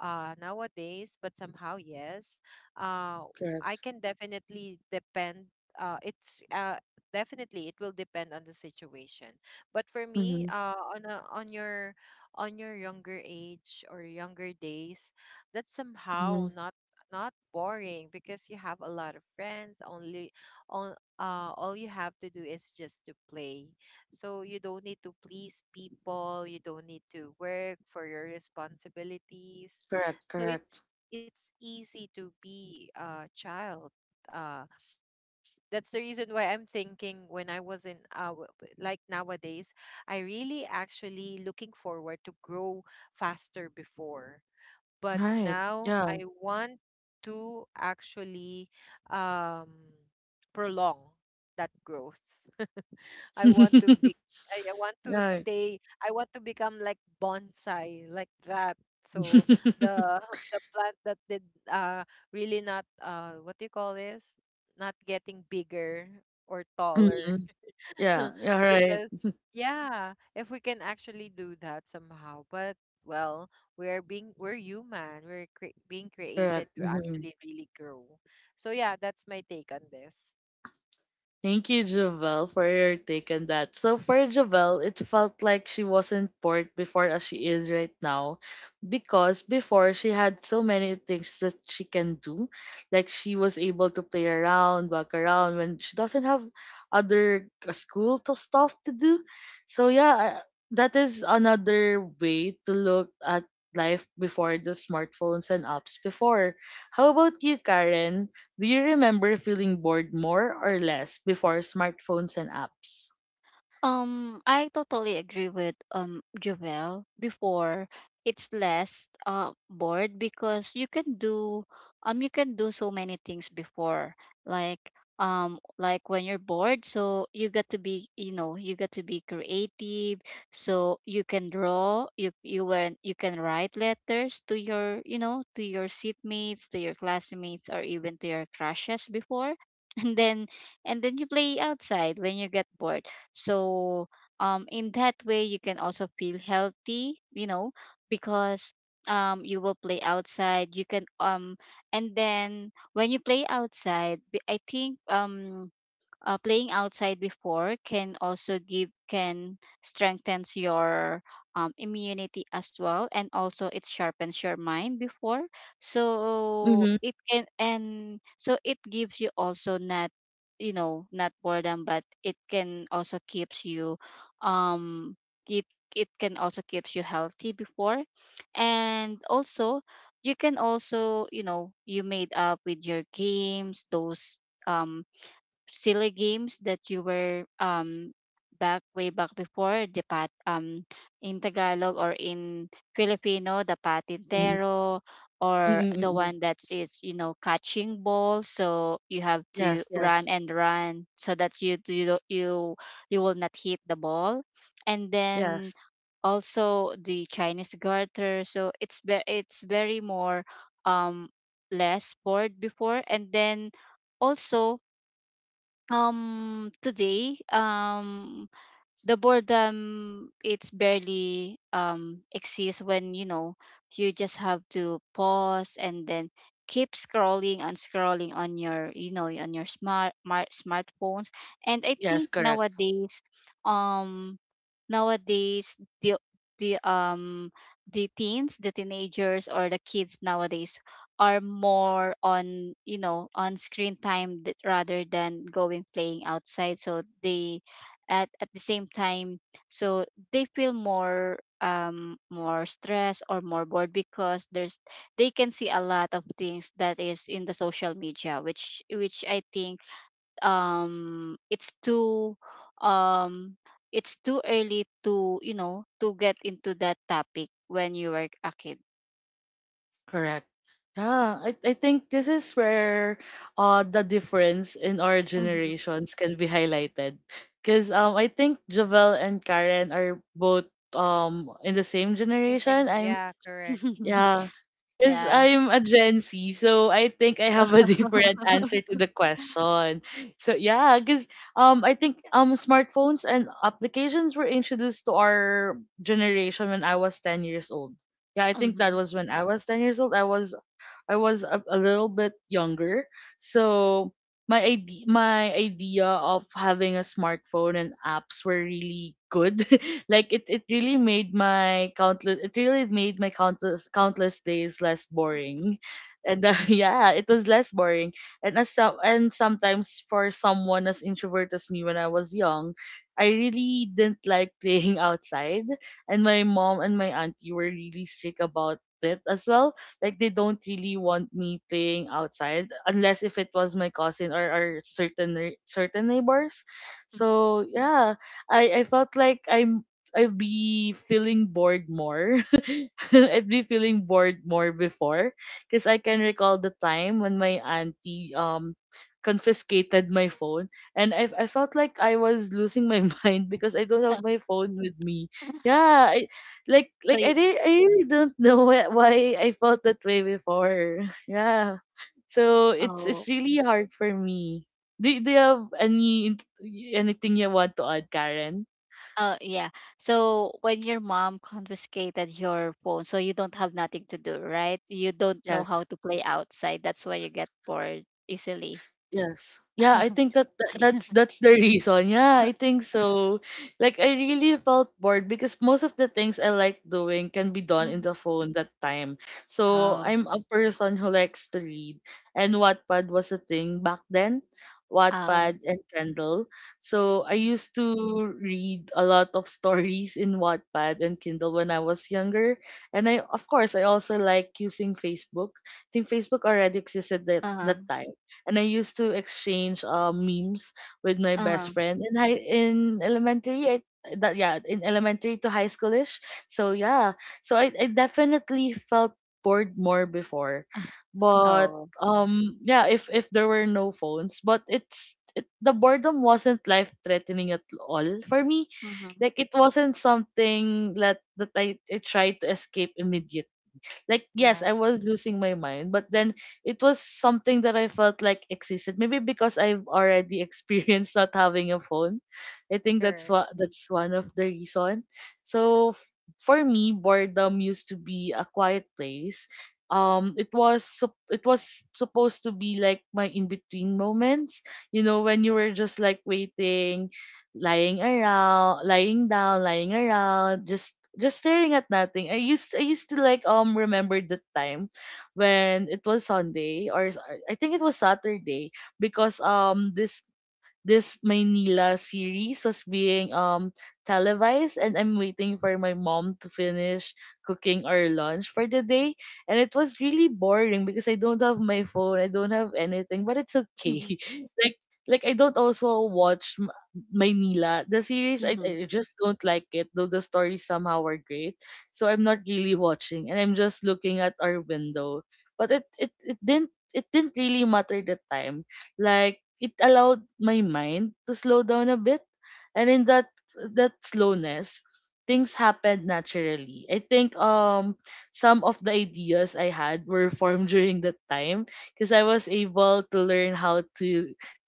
[SPEAKER 2] nowadays, but somehow yes. Uh I
[SPEAKER 1] Correct.
[SPEAKER 2] can definitely depend, it's definitely it will depend on the situation. But for me,
[SPEAKER 1] Mhm.
[SPEAKER 2] on a, on your, on your younger age or younger days, that's
[SPEAKER 1] Mhm.
[SPEAKER 2] somehow not, not boring because you have a lot of friends only on, all you have to do is just to play. So you don't need to please people, you don't need to work for your responsibilities.
[SPEAKER 1] Correct.
[SPEAKER 2] So
[SPEAKER 1] Correct.
[SPEAKER 2] it's easy to be a child, uh that's the reason why I'm thinking when I was in like nowadays, I really actually looking forward to grow faster before, but
[SPEAKER 1] Right.
[SPEAKER 2] now
[SPEAKER 1] Yeah.
[SPEAKER 2] I want to actually, um, prolong that growth. *laughs* I want to
[SPEAKER 1] *laughs*
[SPEAKER 2] be, I want to
[SPEAKER 1] Right.
[SPEAKER 2] stay, I want to become like bonsai like that. So the
[SPEAKER 1] *laughs*
[SPEAKER 2] *laughs* the plant that did uh really not, what do you call this? Not getting bigger or taller.
[SPEAKER 1] Mhm. Yeah.
[SPEAKER 2] *laughs*
[SPEAKER 1] Yeah. Right.
[SPEAKER 2] Because yeah, if we can actually do that somehow, but, well, we're being, we're human, we're being created
[SPEAKER 1] Correct.
[SPEAKER 2] to
[SPEAKER 1] Mhm.
[SPEAKER 2] actually really grow. So yeah, that's my take on this.
[SPEAKER 1] Thank you, Javel, for your take on that. So for Javel, it felt like she wasn't bored before as she is right now, because before she had so many things that she can do, like she was able to play around, walk around when she doesn't have other school to stuff to do. So yeah, that is another way to look at life before the smartphones and apps before. How about you, Karen? Do you remember feeling bored more or less before smartphones and apps?
[SPEAKER 3] I totally agree with Jovel. Before, it's less bored because you can do, so many things before. Like, when you're bored, so you got to be you know you got to be creative. So you can draw, you can write letters to your, to your seatmates, to your classmates, or even to your crushes before. *laughs* And then, you play outside when you get bored. So in that way, you can also feel healthy, because you will play outside. You can, and then when you play outside, I think, playing outside before can also give can strengthens your immunity as well. And also, it sharpens your mind before. So
[SPEAKER 1] Mm-hmm.
[SPEAKER 3] it can, and so it gives you also not, not boredom, but it can also keeps you, um keep it can also keeps you healthy before. And also, you can also, you made up with your games, those um silly games that you were, back way back before the pat in Tagalog, or in Filipino, the
[SPEAKER 1] Mm-hmm.
[SPEAKER 3] patintero, or the
[SPEAKER 1] Mm-hmm.
[SPEAKER 3] one that is, catching ball. So you have to
[SPEAKER 1] Yes,
[SPEAKER 3] run
[SPEAKER 1] yes,
[SPEAKER 3] and run, so that you don't- you will not hit the ball. And then
[SPEAKER 1] yes,
[SPEAKER 3] also the Chinese garter. So it's it's very more, um less bored before. And then also, today, the boredom, it's barely exists. When, you just have to pause and then keep scrolling and scrolling on your, on your smartphones. And I
[SPEAKER 1] yes,
[SPEAKER 3] think
[SPEAKER 1] correct,
[SPEAKER 3] nowadays, um nowadays the the um the teenagers, or the kids nowadays, are more on, on screen time, rather than going playing outside. So they, at the same time, so they feel more, more stressed or more bored, because there's they can see a lot of things that is in the social media, which I think, it's too, um early to, to get into that topic when you were a kid.
[SPEAKER 1] correct. I think this is where the difference in our
[SPEAKER 3] Mhm.
[SPEAKER 1] generations can be highlighted. Cause I think Javel and Karen are both in the same
[SPEAKER 2] And
[SPEAKER 1] generation.
[SPEAKER 2] same,
[SPEAKER 1] I'm
[SPEAKER 2] yeah, correct.
[SPEAKER 3] *laughs*
[SPEAKER 1] yeah. Because
[SPEAKER 3] Yeah.
[SPEAKER 1] I'm a Gen Z, so I think I have a *laughs* different answer to
[SPEAKER 3] *laughs*
[SPEAKER 1] the question. So yeah, because I think smartphones and applications were introduced to our generation when I was 10 years old. Yeah, I think that
[SPEAKER 3] Mhm.
[SPEAKER 1] was when I was 10 years old. I was a, little bit younger. So my idea of having a smartphone and apps were really good. *laughs* Like it really made my countless countless days less boring. And *laughs* yeah, it was less boring. And sometimes for someone as introvert as me when I was young, I really didn't like playing *laughs* outside and my mom and my auntie were really strict about it as well like they don't really want me playing outside unless if it was my cousin or, certain neighbors. So yeah, I felt like I'd be feeling bored more. *laughs* I'd be feeling bored more before because I can recall the time when my auntie confiscated my phone and I felt like I was losing my *laughs* mind because I don't have
[SPEAKER 3] Mhm.
[SPEAKER 1] my phone with me.
[SPEAKER 3] *laughs*
[SPEAKER 1] Yeah,
[SPEAKER 3] so
[SPEAKER 1] like
[SPEAKER 3] y-
[SPEAKER 1] I really don't *laughs* know why I felt that way before. *laughs* Yeah. So
[SPEAKER 3] oh
[SPEAKER 1] it's really hard for me. Do you have any anything you want to add, Karen?
[SPEAKER 3] Oh, yeah. So when your mom confiscated your phone, so you don't have nothing to do, right? You don't know
[SPEAKER 1] Yes.
[SPEAKER 3] how to play outside. That's why you get bored easily.
[SPEAKER 1] Yes. Yeah, I think
[SPEAKER 3] *laughs*
[SPEAKER 1] that's the *laughs* reason. Yeah, I think so. Like I really felt bored because most of the things I like doing can be done in
[SPEAKER 3] Mhm.
[SPEAKER 1] the phone that time. So
[SPEAKER 3] Oh,
[SPEAKER 1] I'm a person who likes to read. And Wattpad was a thing back then.
[SPEAKER 3] oh,
[SPEAKER 1] Wattpad and Kindle. So I
[SPEAKER 3] mhm.
[SPEAKER 1] used to read a lot of *laughs* stories in Wattpad and Kindle when I was younger. And I of course I also like using Facebook. I think Facebook already existed at
[SPEAKER 3] Uh-huh,
[SPEAKER 1] that time and I used to exchange memes with my
[SPEAKER 3] uh-huh.
[SPEAKER 1] best friend in high in elementary. I, that Yeah, in elementary to high schoolish. So yeah, so I definitely felt bored more before,
[SPEAKER 3] *laughs*
[SPEAKER 1] but
[SPEAKER 3] Oh,
[SPEAKER 1] yeah, if there were no phones, but the boredom wasn't life threatening at all for me
[SPEAKER 3] mm-hmm.
[SPEAKER 1] like it wasn't something that that I tried to escape immediately like, yes, I
[SPEAKER 2] Yeah.
[SPEAKER 1] was losing my mind, but then it was something that I felt like existed. Maybe because I've already *laughs* experienced not having a phone. I think
[SPEAKER 2] Correct.
[SPEAKER 1] that's one of the reason. So for me, boredom used to be a quiet place. It it was supposed to be like my in between moments. You know, when you were just like waiting, lying around, lying around, just staring at nothing. I used to like remember the time when it was Sunday or I think it was Saturday because this this Manila series was being televised and I'm waiting for my mom to finish cooking our lunch for the day and it was really boring because I don't have my phone I don't have anything but it's okay *laughs* like like I don't also watch Manila the series
[SPEAKER 3] Mm-hmm. *laughs*
[SPEAKER 1] I just don't like it though the stories somehow are great so I'm not really watching and I'm just looking at our window but it didn't really matter the time like it allowed my mind to slow down a bit, and in that that slowness, things happened naturally. I think some of the ideas I had were formed *laughs* during that time because I was able to learn how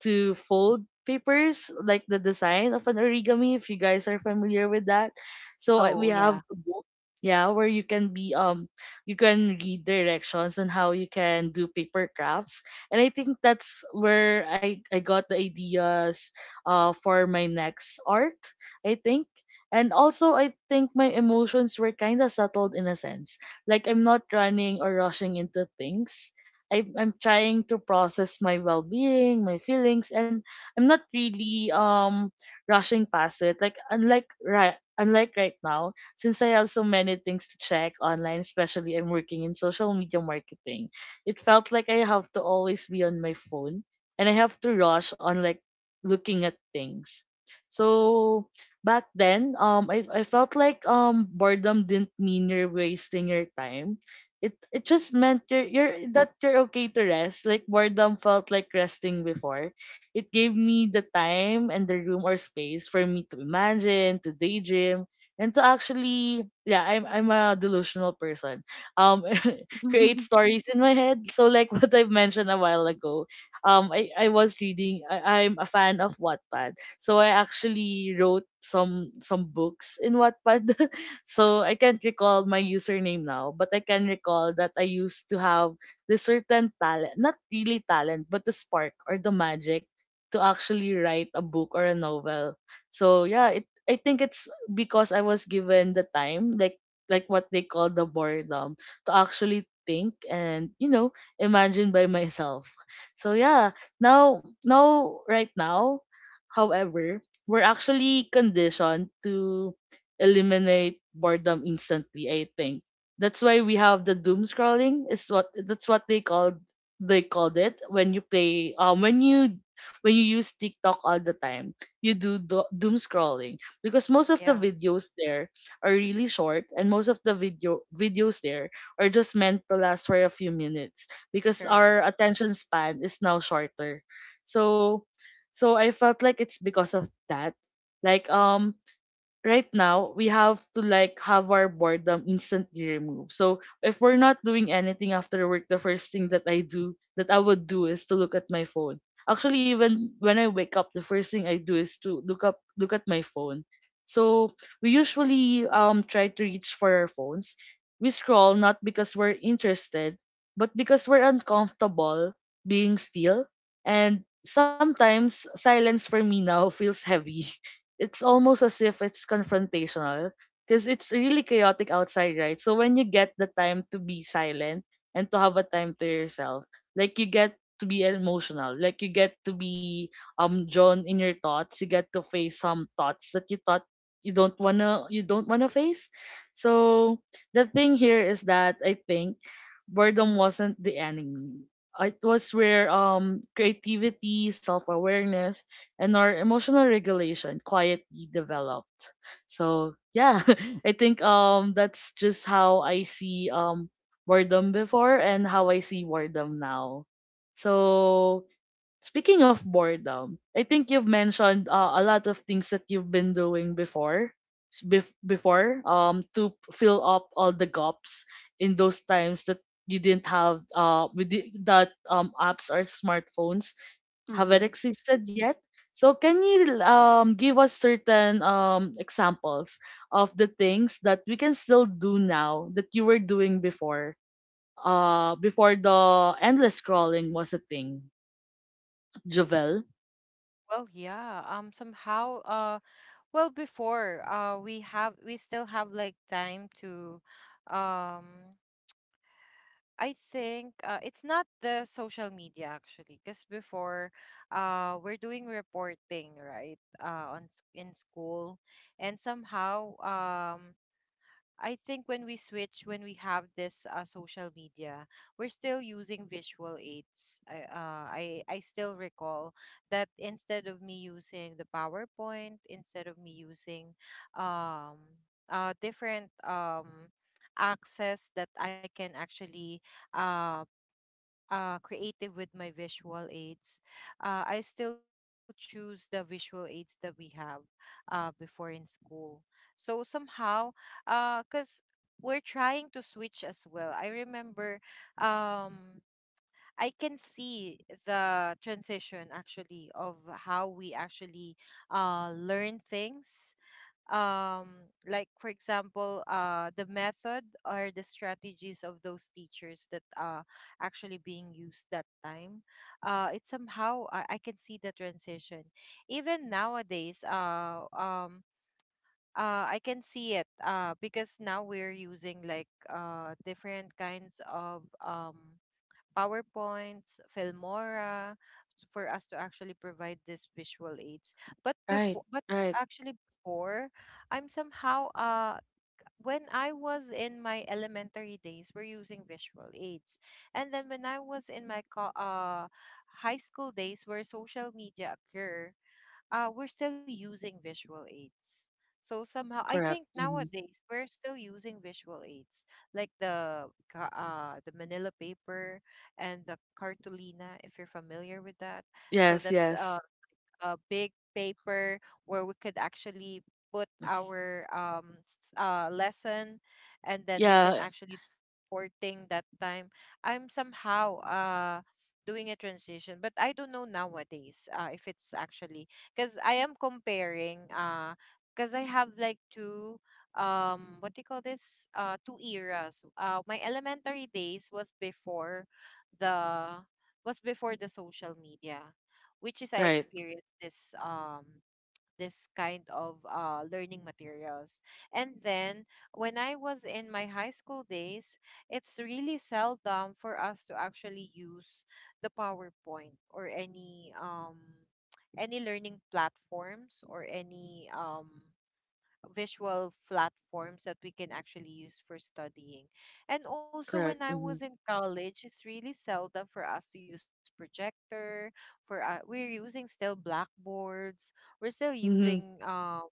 [SPEAKER 1] to fold papers like the design of an origami if you guys are familiar with that so
[SPEAKER 3] Oh,
[SPEAKER 1] we have
[SPEAKER 3] yeah.
[SPEAKER 1] a book yeah where you can be you can read directions on how you can do paper crafts and I think that's where I got the ideas for my next art. I think. And also, I think my emotions were kind of settled in a sense. Like I'm not running or rushing into things. I'm trying to process my well-being, my feelings, and I'm not really rushing past it. Like unlike right now, since I have so many things to check online, especially I'm working in social media marketing it felt like I have to always be on my phone and I have to rush on like looking at things. So back then, I felt like boredom didn't mean you're wasting your time. It just meant you're that you're okay to rest. Like boredom felt like resting before. It gave me the time and the room or space for me to imagine, to daydream, and to actually, yeah, I'm a delusional person. Um, *laughs* Create
[SPEAKER 3] *laughs*
[SPEAKER 1] stories in my head. So like, *laughs* what I've mentioned a while ago, I was reading. I'm a fan of Wattpad, so I actually wrote some books in Wattpad. *laughs* So I can't recall my username now, but I can recall that I used to have the certain talent, not really talent, but the spark or the magic to actually write a book or a novel. So yeah, it I think it's because I was given the time, like what they call the boredom to actually think and imagine by myself. So yeah, now now right now, however, we're actually conditioned to eliminate boredom instantly. I think that's why we have the doom scrolling, is what that's what they called. They called it when you play, when you use TikTok all the time. You do doom scrolling because most of the
[SPEAKER 2] Yeah,
[SPEAKER 1] videos there are really short, and most of the videos there or just meant to last for a few minutes because our
[SPEAKER 2] correct.
[SPEAKER 1] attention span is now shorter. So I felt like it's because of that. Like, right now we have to, like, have our boredom instantly removed. So if we're not doing anything after work, the first thing that I would do is to look at my phone. Actually, even when I wake up, the first thing I do is to look at my phone. So we usually try to reach for our phones. We scroll not because we're interested, but because we're uncomfortable being still. And sometimes silence for me now *laughs* feels heavy. It's almost as if it's confrontational because it's really chaotic outside, right? So when you get the time to be silent and to have a time to yourself, like you get to be emotional, like you get to be drawn in your thoughts. You get to face some thoughts that you thought you don't wanna face. So the thing here is that I think boredom wasn't the enemy. It was where creativity, self awareness, and our emotional regulation quietly developed. So yeah, *laughs* I think that's just how I see boredom before and how I see boredom now. So speaking of boredom, I think you've mentioned a lot of things that you've been doing before, before fill up all the gaps in those times that you didn't have with that apps or smartphones haven't
[SPEAKER 3] Mm-hmm.
[SPEAKER 1] existed yet. So can you, give us certain, examples of the things that we can still do now that you were doing before? Before the endless scrolling was a thing, Jovel.
[SPEAKER 2] Well, yeah. Somehow, well, before, we have, we still have like time to, um, I think it's not the social media actually, because before, we're doing reporting, right, in school, and somehow, I think when we switch, when we have this social media, we're still using visual aids. I still recall that instead of me using the PowerPoint, instead of me using um different access that I can actually um creative with my visual aids, I still choose the visual aids that we have before in school. So somehow, because we're trying to switch as well. I remember, um, I can see the transition actually of how we actually learn things, like for example the method or the strategies of those teachers that are actually being used that time. It's somehow, I can see the transition even nowadays, I can see it because now we're using like different kinds of PowerPoints, Filmora, for us to actually provide these visual aids. But
[SPEAKER 1] Right,
[SPEAKER 2] before, but
[SPEAKER 1] right,
[SPEAKER 2] actually before, I'm somehow when I was in my elementary days, we're using visual aids, and then when I was in my high school days, where social media occur, we're still using visual aids. So somehow, I
[SPEAKER 1] correct.
[SPEAKER 2] think
[SPEAKER 1] Hmm.
[SPEAKER 2] nowadays we're still using visual aids like the the Manila paper and the cartolina, if you're familiar with that. So
[SPEAKER 1] Yes,
[SPEAKER 2] that's
[SPEAKER 1] yes,
[SPEAKER 2] a big paper where we could actually put our lesson, and then we can
[SPEAKER 1] yeah,
[SPEAKER 2] actually do reporting that time. I'm somehow doing a transition, but I don't know nowadays, if it's actually, because I am comparing because I have like two, what do you call this, two eras. My elementary days was before the, was before the social media, which is I
[SPEAKER 1] right,
[SPEAKER 2] experienced this, this kind of learning materials. And then when I was in my high school days, it's really seldom for us to actually use the PowerPoint or any learning platforms or any visual platforms that we can actually use for studying. And also, when
[SPEAKER 1] correct.
[SPEAKER 2] I
[SPEAKER 1] Mm-hmm.
[SPEAKER 2] was in college, it's really seldom for us to use projector. For we're using still blackboards. We're still
[SPEAKER 1] Mm-hmm.
[SPEAKER 2] using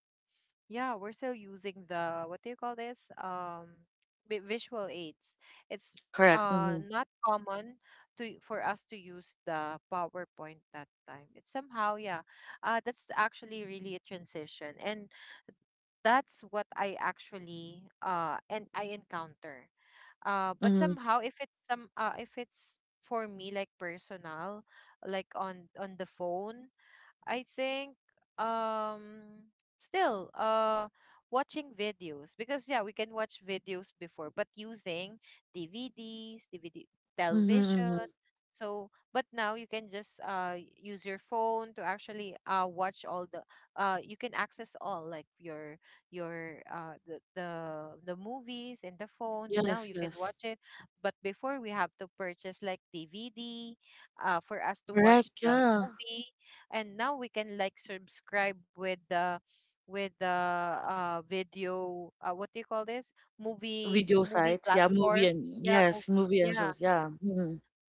[SPEAKER 2] yeah, we're still using the, what do you call this? Visual aids. It's
[SPEAKER 1] Correct. Mm-hmm.
[SPEAKER 2] not common to, for us to use the PowerPoint that time. It's somehow, yeah. That's actually really a transition, and that's what I actually and I encounter. But
[SPEAKER 1] Mm-hmm.
[SPEAKER 2] somehow, if it's some if it's for me like personal, like on the phone, I think um still watching videos, because yeah, we can watch videos before, but using DVDs, DVD
[SPEAKER 1] Mm-hmm.
[SPEAKER 2] television.
[SPEAKER 1] Mm-hmm.
[SPEAKER 2] So, but now you can just use your phone to actually watch all the you can access all like your uh the the, the movies in the phone. Now you
[SPEAKER 1] Yes,
[SPEAKER 2] can
[SPEAKER 1] yes,
[SPEAKER 2] watch it, but before we have to purchase like DVD for us to watch
[SPEAKER 1] correct.
[SPEAKER 2] the
[SPEAKER 1] Yeah,
[SPEAKER 2] movie, and now we can like subscribe with the video what do you call this movie
[SPEAKER 1] video
[SPEAKER 2] movie
[SPEAKER 1] sites. Yeah,
[SPEAKER 2] platform.
[SPEAKER 1] movie and
[SPEAKER 2] yeah mov-
[SPEAKER 1] yes, movie and
[SPEAKER 2] yeah
[SPEAKER 1] shows. Yeah.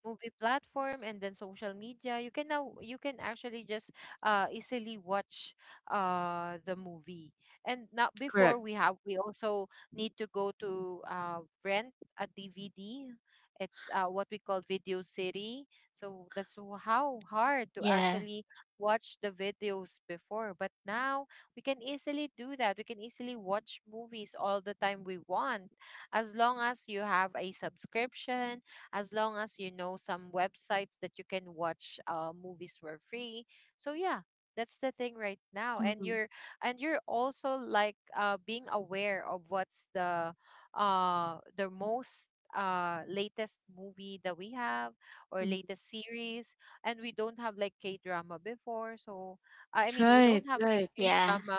[SPEAKER 2] Movie platform, and then social media, you can now you can actually just easily watch the movie. And not before,
[SPEAKER 1] Correct.
[SPEAKER 2] we also need to go to rent a DVD. It's what we call Video City. So that's how hard to
[SPEAKER 3] Yeah.
[SPEAKER 2] actually watch the videos before. But now we can easily do that. We can easily watch movies all the time we want, as long as you have a subscription, as long as you know some websites that you can watch movies for free. So yeah, that's the thing right now.
[SPEAKER 3] Mm-hmm.
[SPEAKER 2] And you're also like being aware of what's the most latest movie that we have, or
[SPEAKER 3] Mm-hmm.
[SPEAKER 2] latest series. And we don't have like K drama before. So I mean, we don't
[SPEAKER 1] Right,
[SPEAKER 2] have like
[SPEAKER 1] right.
[SPEAKER 2] K
[SPEAKER 3] Yeah.
[SPEAKER 2] drama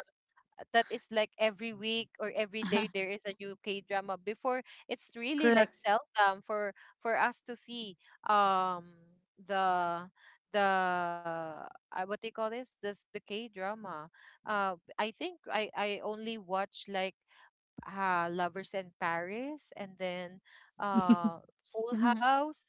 [SPEAKER 2] that is like every week or every day there
[SPEAKER 3] *laughs*
[SPEAKER 2] is a new K drama. Before, it's really like
[SPEAKER 1] Correct.
[SPEAKER 2] seldom for us to see um the the what they call this this the K drama. I think I only watch like Lovers in Paris, and then uh
[SPEAKER 1] *laughs*
[SPEAKER 2] Full House,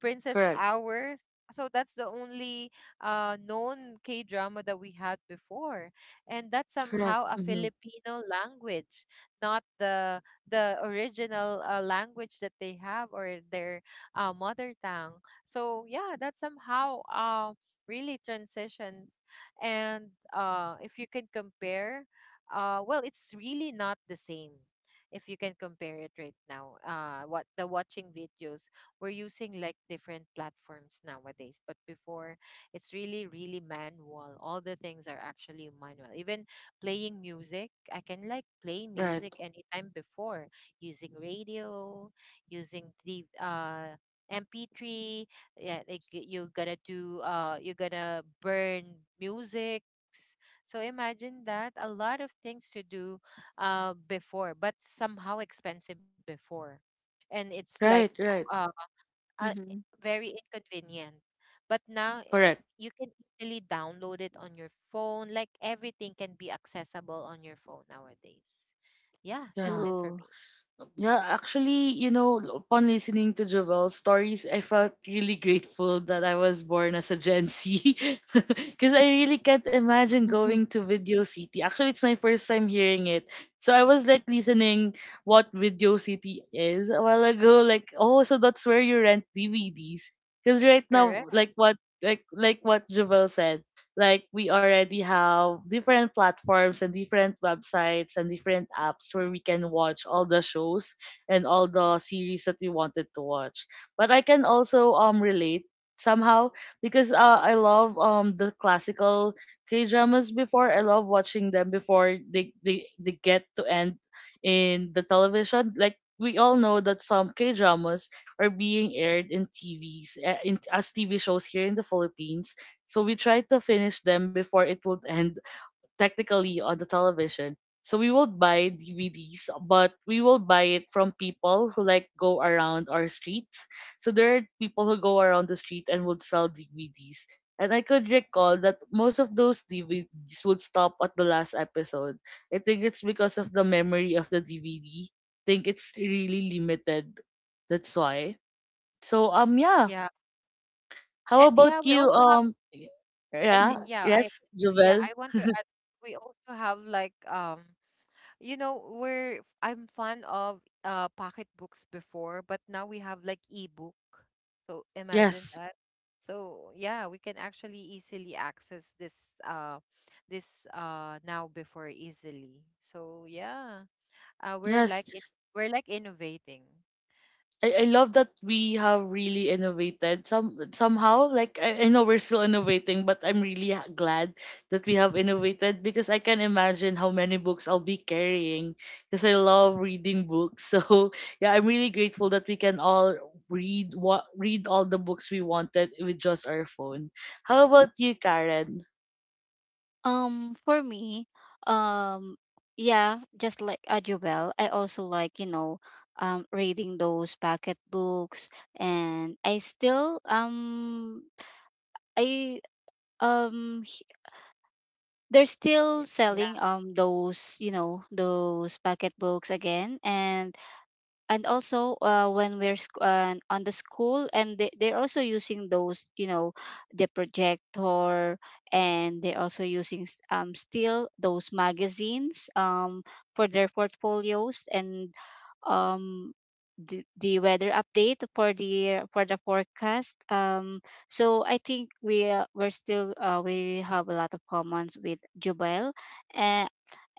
[SPEAKER 2] Princess
[SPEAKER 1] Correct.
[SPEAKER 2] Hours. So that's the only known K drama that we had before, and that's
[SPEAKER 1] Correct.
[SPEAKER 2] somehow a
[SPEAKER 1] Mm-hmm.
[SPEAKER 2] Filipino language, not the original language that they have, or their mother tongue. So yeah, that somehow really transitions. And if you can compare, well, it's really not the same. If you can compare it right now, what the watching videos, we're using like different platforms nowadays. But before, it's really, really manual. All the things are actually manual. Even playing music, I can like play
[SPEAKER 1] Right.
[SPEAKER 2] music anytime before using radio, using the MP3. Yeah, like you're gonna do you're gonna burn music. So imagine that, a lot of things to do before, but somehow expensive before. And it's like
[SPEAKER 1] Right, right.
[SPEAKER 2] uh, uh,
[SPEAKER 3] Mm-hmm.
[SPEAKER 2] very inconvenient. But now, it's
[SPEAKER 1] Correct.
[SPEAKER 2] you can easily download it on your phone. Like everything can be accessible on your phone nowadays. Yeah, that's
[SPEAKER 1] Yeah.
[SPEAKER 2] it for
[SPEAKER 3] True.
[SPEAKER 2] me.
[SPEAKER 1] Yeah, actually, upon listening to Jovel's stories, I felt really grateful that I was born as a Gen Z. *laughs* Because I really can't imagine
[SPEAKER 3] *laughs*
[SPEAKER 1] going to Video City. Actually, it's my first time hearing it. So I was like listening what Video City is a while ago. Like, oh, so that's where you rent DVDs. Because right now,
[SPEAKER 2] Correct.
[SPEAKER 1] like what like what Jovel said, like we already have different platforms and different websites and different apps where we can watch all the shows and all the series that we wanted to watch. But I can also relate somehow because, I love the classical K dramas before. I love watching them before they get to end in the television. Like we all know that some K dramas are being aired in TVs, as TV shows here in the Philippines, so we try to finish them before it would end technically on the television. So we will buy DVDs, but we will buy it from people who like go around our street. So there are people who go around the street and would sell DVDs. And I could recall that most of those DVDs would stop at the last episode. I think it's because of the memory of the DVD. Think it's really limited. That's why. So yeah,
[SPEAKER 2] Yeah.
[SPEAKER 1] how
[SPEAKER 2] And yeah,
[SPEAKER 1] about
[SPEAKER 2] we
[SPEAKER 1] you?
[SPEAKER 2] also have, I
[SPEAKER 1] Yeah,
[SPEAKER 2] think
[SPEAKER 1] yes,
[SPEAKER 2] yeah,
[SPEAKER 1] Jovel.
[SPEAKER 2] I want to add, we also have like you know, we're I'm fond of pocket books before, but now we have like ebook. So
[SPEAKER 1] Yes,
[SPEAKER 2] imagine that. So yeah, we can actually easily access this this now, before easily. So yeah, we're
[SPEAKER 1] yes.
[SPEAKER 2] like it, we're like innovating.
[SPEAKER 1] I love that we have really innovated somehow. Like I know we're still innovating, but I'm really glad that we have innovated, because I can imagine how many books I'll be carrying because I love reading books. *laughs* So yeah, I'm really grateful that we can all read all the books we wanted with just our phone. How about you, Karen?
[SPEAKER 3] For me, um, yeah, just like Ajubel, I also like, reading those packet books. And I still I h- they're
[SPEAKER 2] Yeah,
[SPEAKER 3] still
[SPEAKER 2] yeah.
[SPEAKER 3] selling those packet books again. And also when we're on the school, and they're also using those, the projector. And they're also using, still those magazines, for their portfolios, and um, the weather update for the forecast. So I think we, we have a lot of commons with Jubel. uh,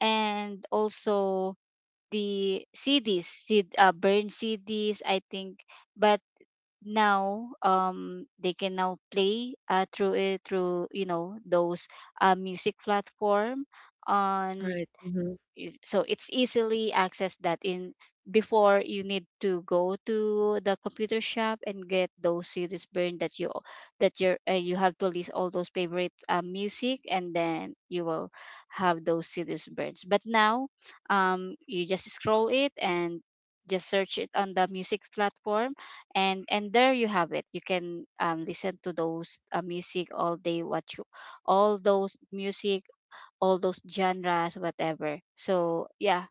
[SPEAKER 3] and also the CDs, CD, burn CDs, I think. But now, they can now play through it through you know, those music platform on
[SPEAKER 1] Right.
[SPEAKER 3] so it's easily accessed. That in before, you need to go to the computer shop and get those CDs burned, that you that you're you have to list all those favorite music. And then you will have those CDs burned. But now, you just scroll it, and just search it on the music platform, and there you have it. You can listen to those music all day, what you all those music, all those genres, whatever. So yeah,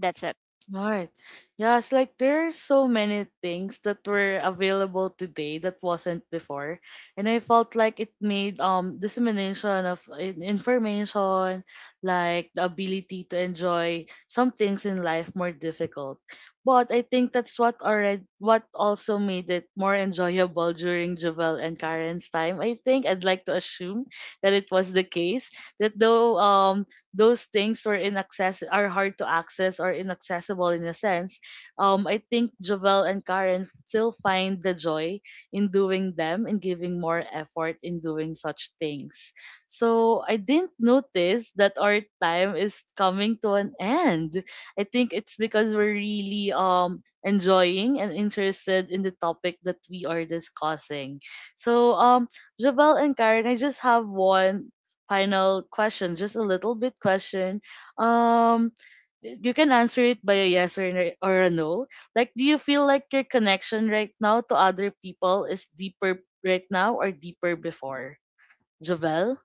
[SPEAKER 3] that's it.
[SPEAKER 1] Right. Yeah, it's like there are so many things that were available today that wasn't before. And I felt like it made dissemination of information, like the ability to enjoy some things in life more difficult. But I think that's what already what also made it more enjoyable during Jovel and Karen's time. I think I'd like to assume that it was the case that though those things were inaccess are hard to access or inaccessible in a sense. I think Jovel and Karen still find the joy in doing them and giving more effort in doing such things. So I didn't notice that our time is coming to an end. I think it's because we're really enjoying and interested in the topic that we are discussing. So Javel and Karen, I just have one final question, just a little bit question. Um, you can answer it by a yes or a no. Like, do you feel like your connection right now to other people is deeper right now or deeper before? Javel?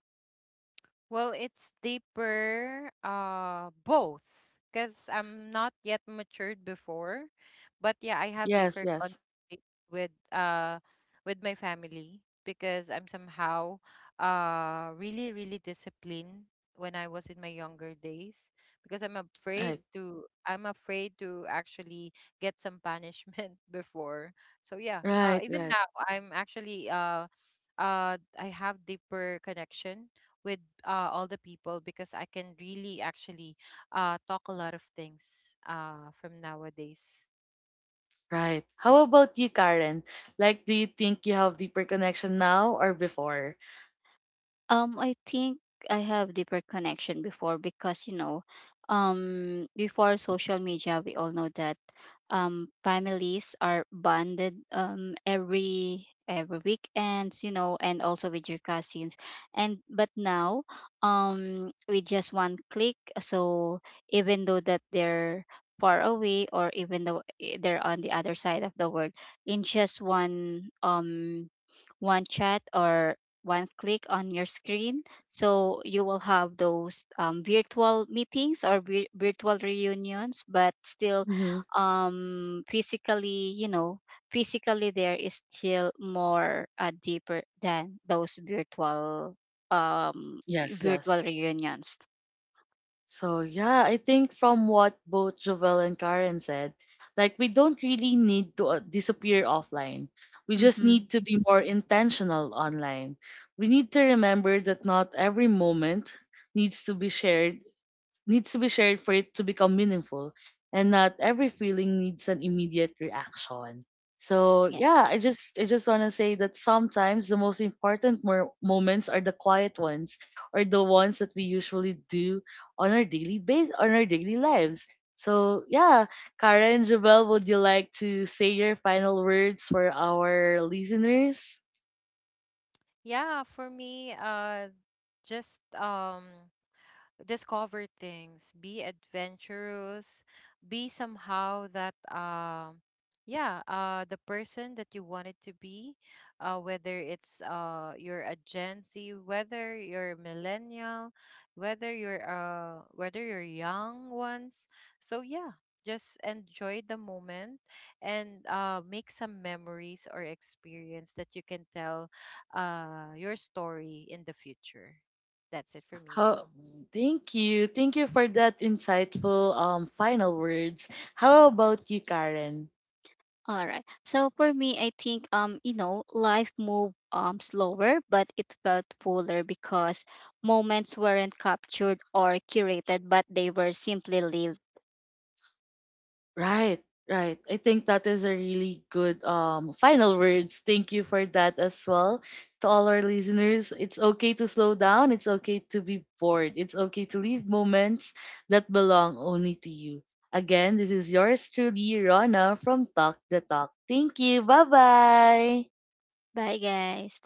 [SPEAKER 2] Well, it's deeper, both, because I'm not yet matured before, but yeah, I have
[SPEAKER 1] Yes,
[SPEAKER 2] deeper
[SPEAKER 1] yes.
[SPEAKER 2] conflict with my family, because I'm somehow really really disciplined when I was in my younger days, because
[SPEAKER 1] Right,
[SPEAKER 2] I'm afraid to actually get some punishment *laughs* before. So yeah,
[SPEAKER 1] right,
[SPEAKER 2] even
[SPEAKER 1] right,
[SPEAKER 2] now I'm actually I have deeper connection with all the people, because I can really actually talk a lot of things from nowadays.
[SPEAKER 1] right. How about you, Karen? Like, do you think you have deeper connection now or before?
[SPEAKER 3] I think I have deeper connection before because before social media, we all know that families are bonded every weekends, and also with your cousins. And but now, with just one click, so even though that they're far away, or even though, they're on the other side of the world, in just one chat, or one click on your screen. So you will have those virtual meetings, or virtual reunions, but still,
[SPEAKER 1] Mm-hmm.
[SPEAKER 3] um, physically, you know, physically, there is still more deeper than those virtual,
[SPEAKER 1] Yes,
[SPEAKER 3] virtual
[SPEAKER 1] yes.
[SPEAKER 3] reunions.
[SPEAKER 1] So yeah, I think from what both Jovel and Karen said, like we don't really need to, disappear offline. We just
[SPEAKER 3] Mm-hmm.
[SPEAKER 1] need to be more intentional online. We need to remember that not every moment needs to be shared needs to be shared for it to become meaningful. And not every feeling needs an immediate reaction. So
[SPEAKER 3] Yes.
[SPEAKER 1] yeah, I just wanna say that sometimes the most important moments are the quiet ones or the ones that we usually do on our daily lives. So yeah, Karen Jubel, would you like to say your final words for our listeners?
[SPEAKER 2] Yeah, for me, just discover things, be adventurous, be somehow that yeah, the person that you wanted to be, whether it's you're a Gen Z, whether you're a millennial, whether you're young ones. So yeah, just enjoy the moment, and make some memories or experience that you can tell your story in the future. That's it for me.
[SPEAKER 1] How, Thank you. Thank you for that insightful final words. How about you, Karen?
[SPEAKER 3] All right. So for me, I think, life moved slower, but it felt fuller, because moments weren't captured or curated, but they were simply lived.
[SPEAKER 1] Right, right. I think that is a really good final words. Thank you for that as well. To all our listeners, it's okay to slow down. It's okay to be bored. It's okay to leave moments that belong only to you. Again, this is yours truly, Rona from Talk the Talk. Thank you. Bye bye.
[SPEAKER 3] Bye, guys.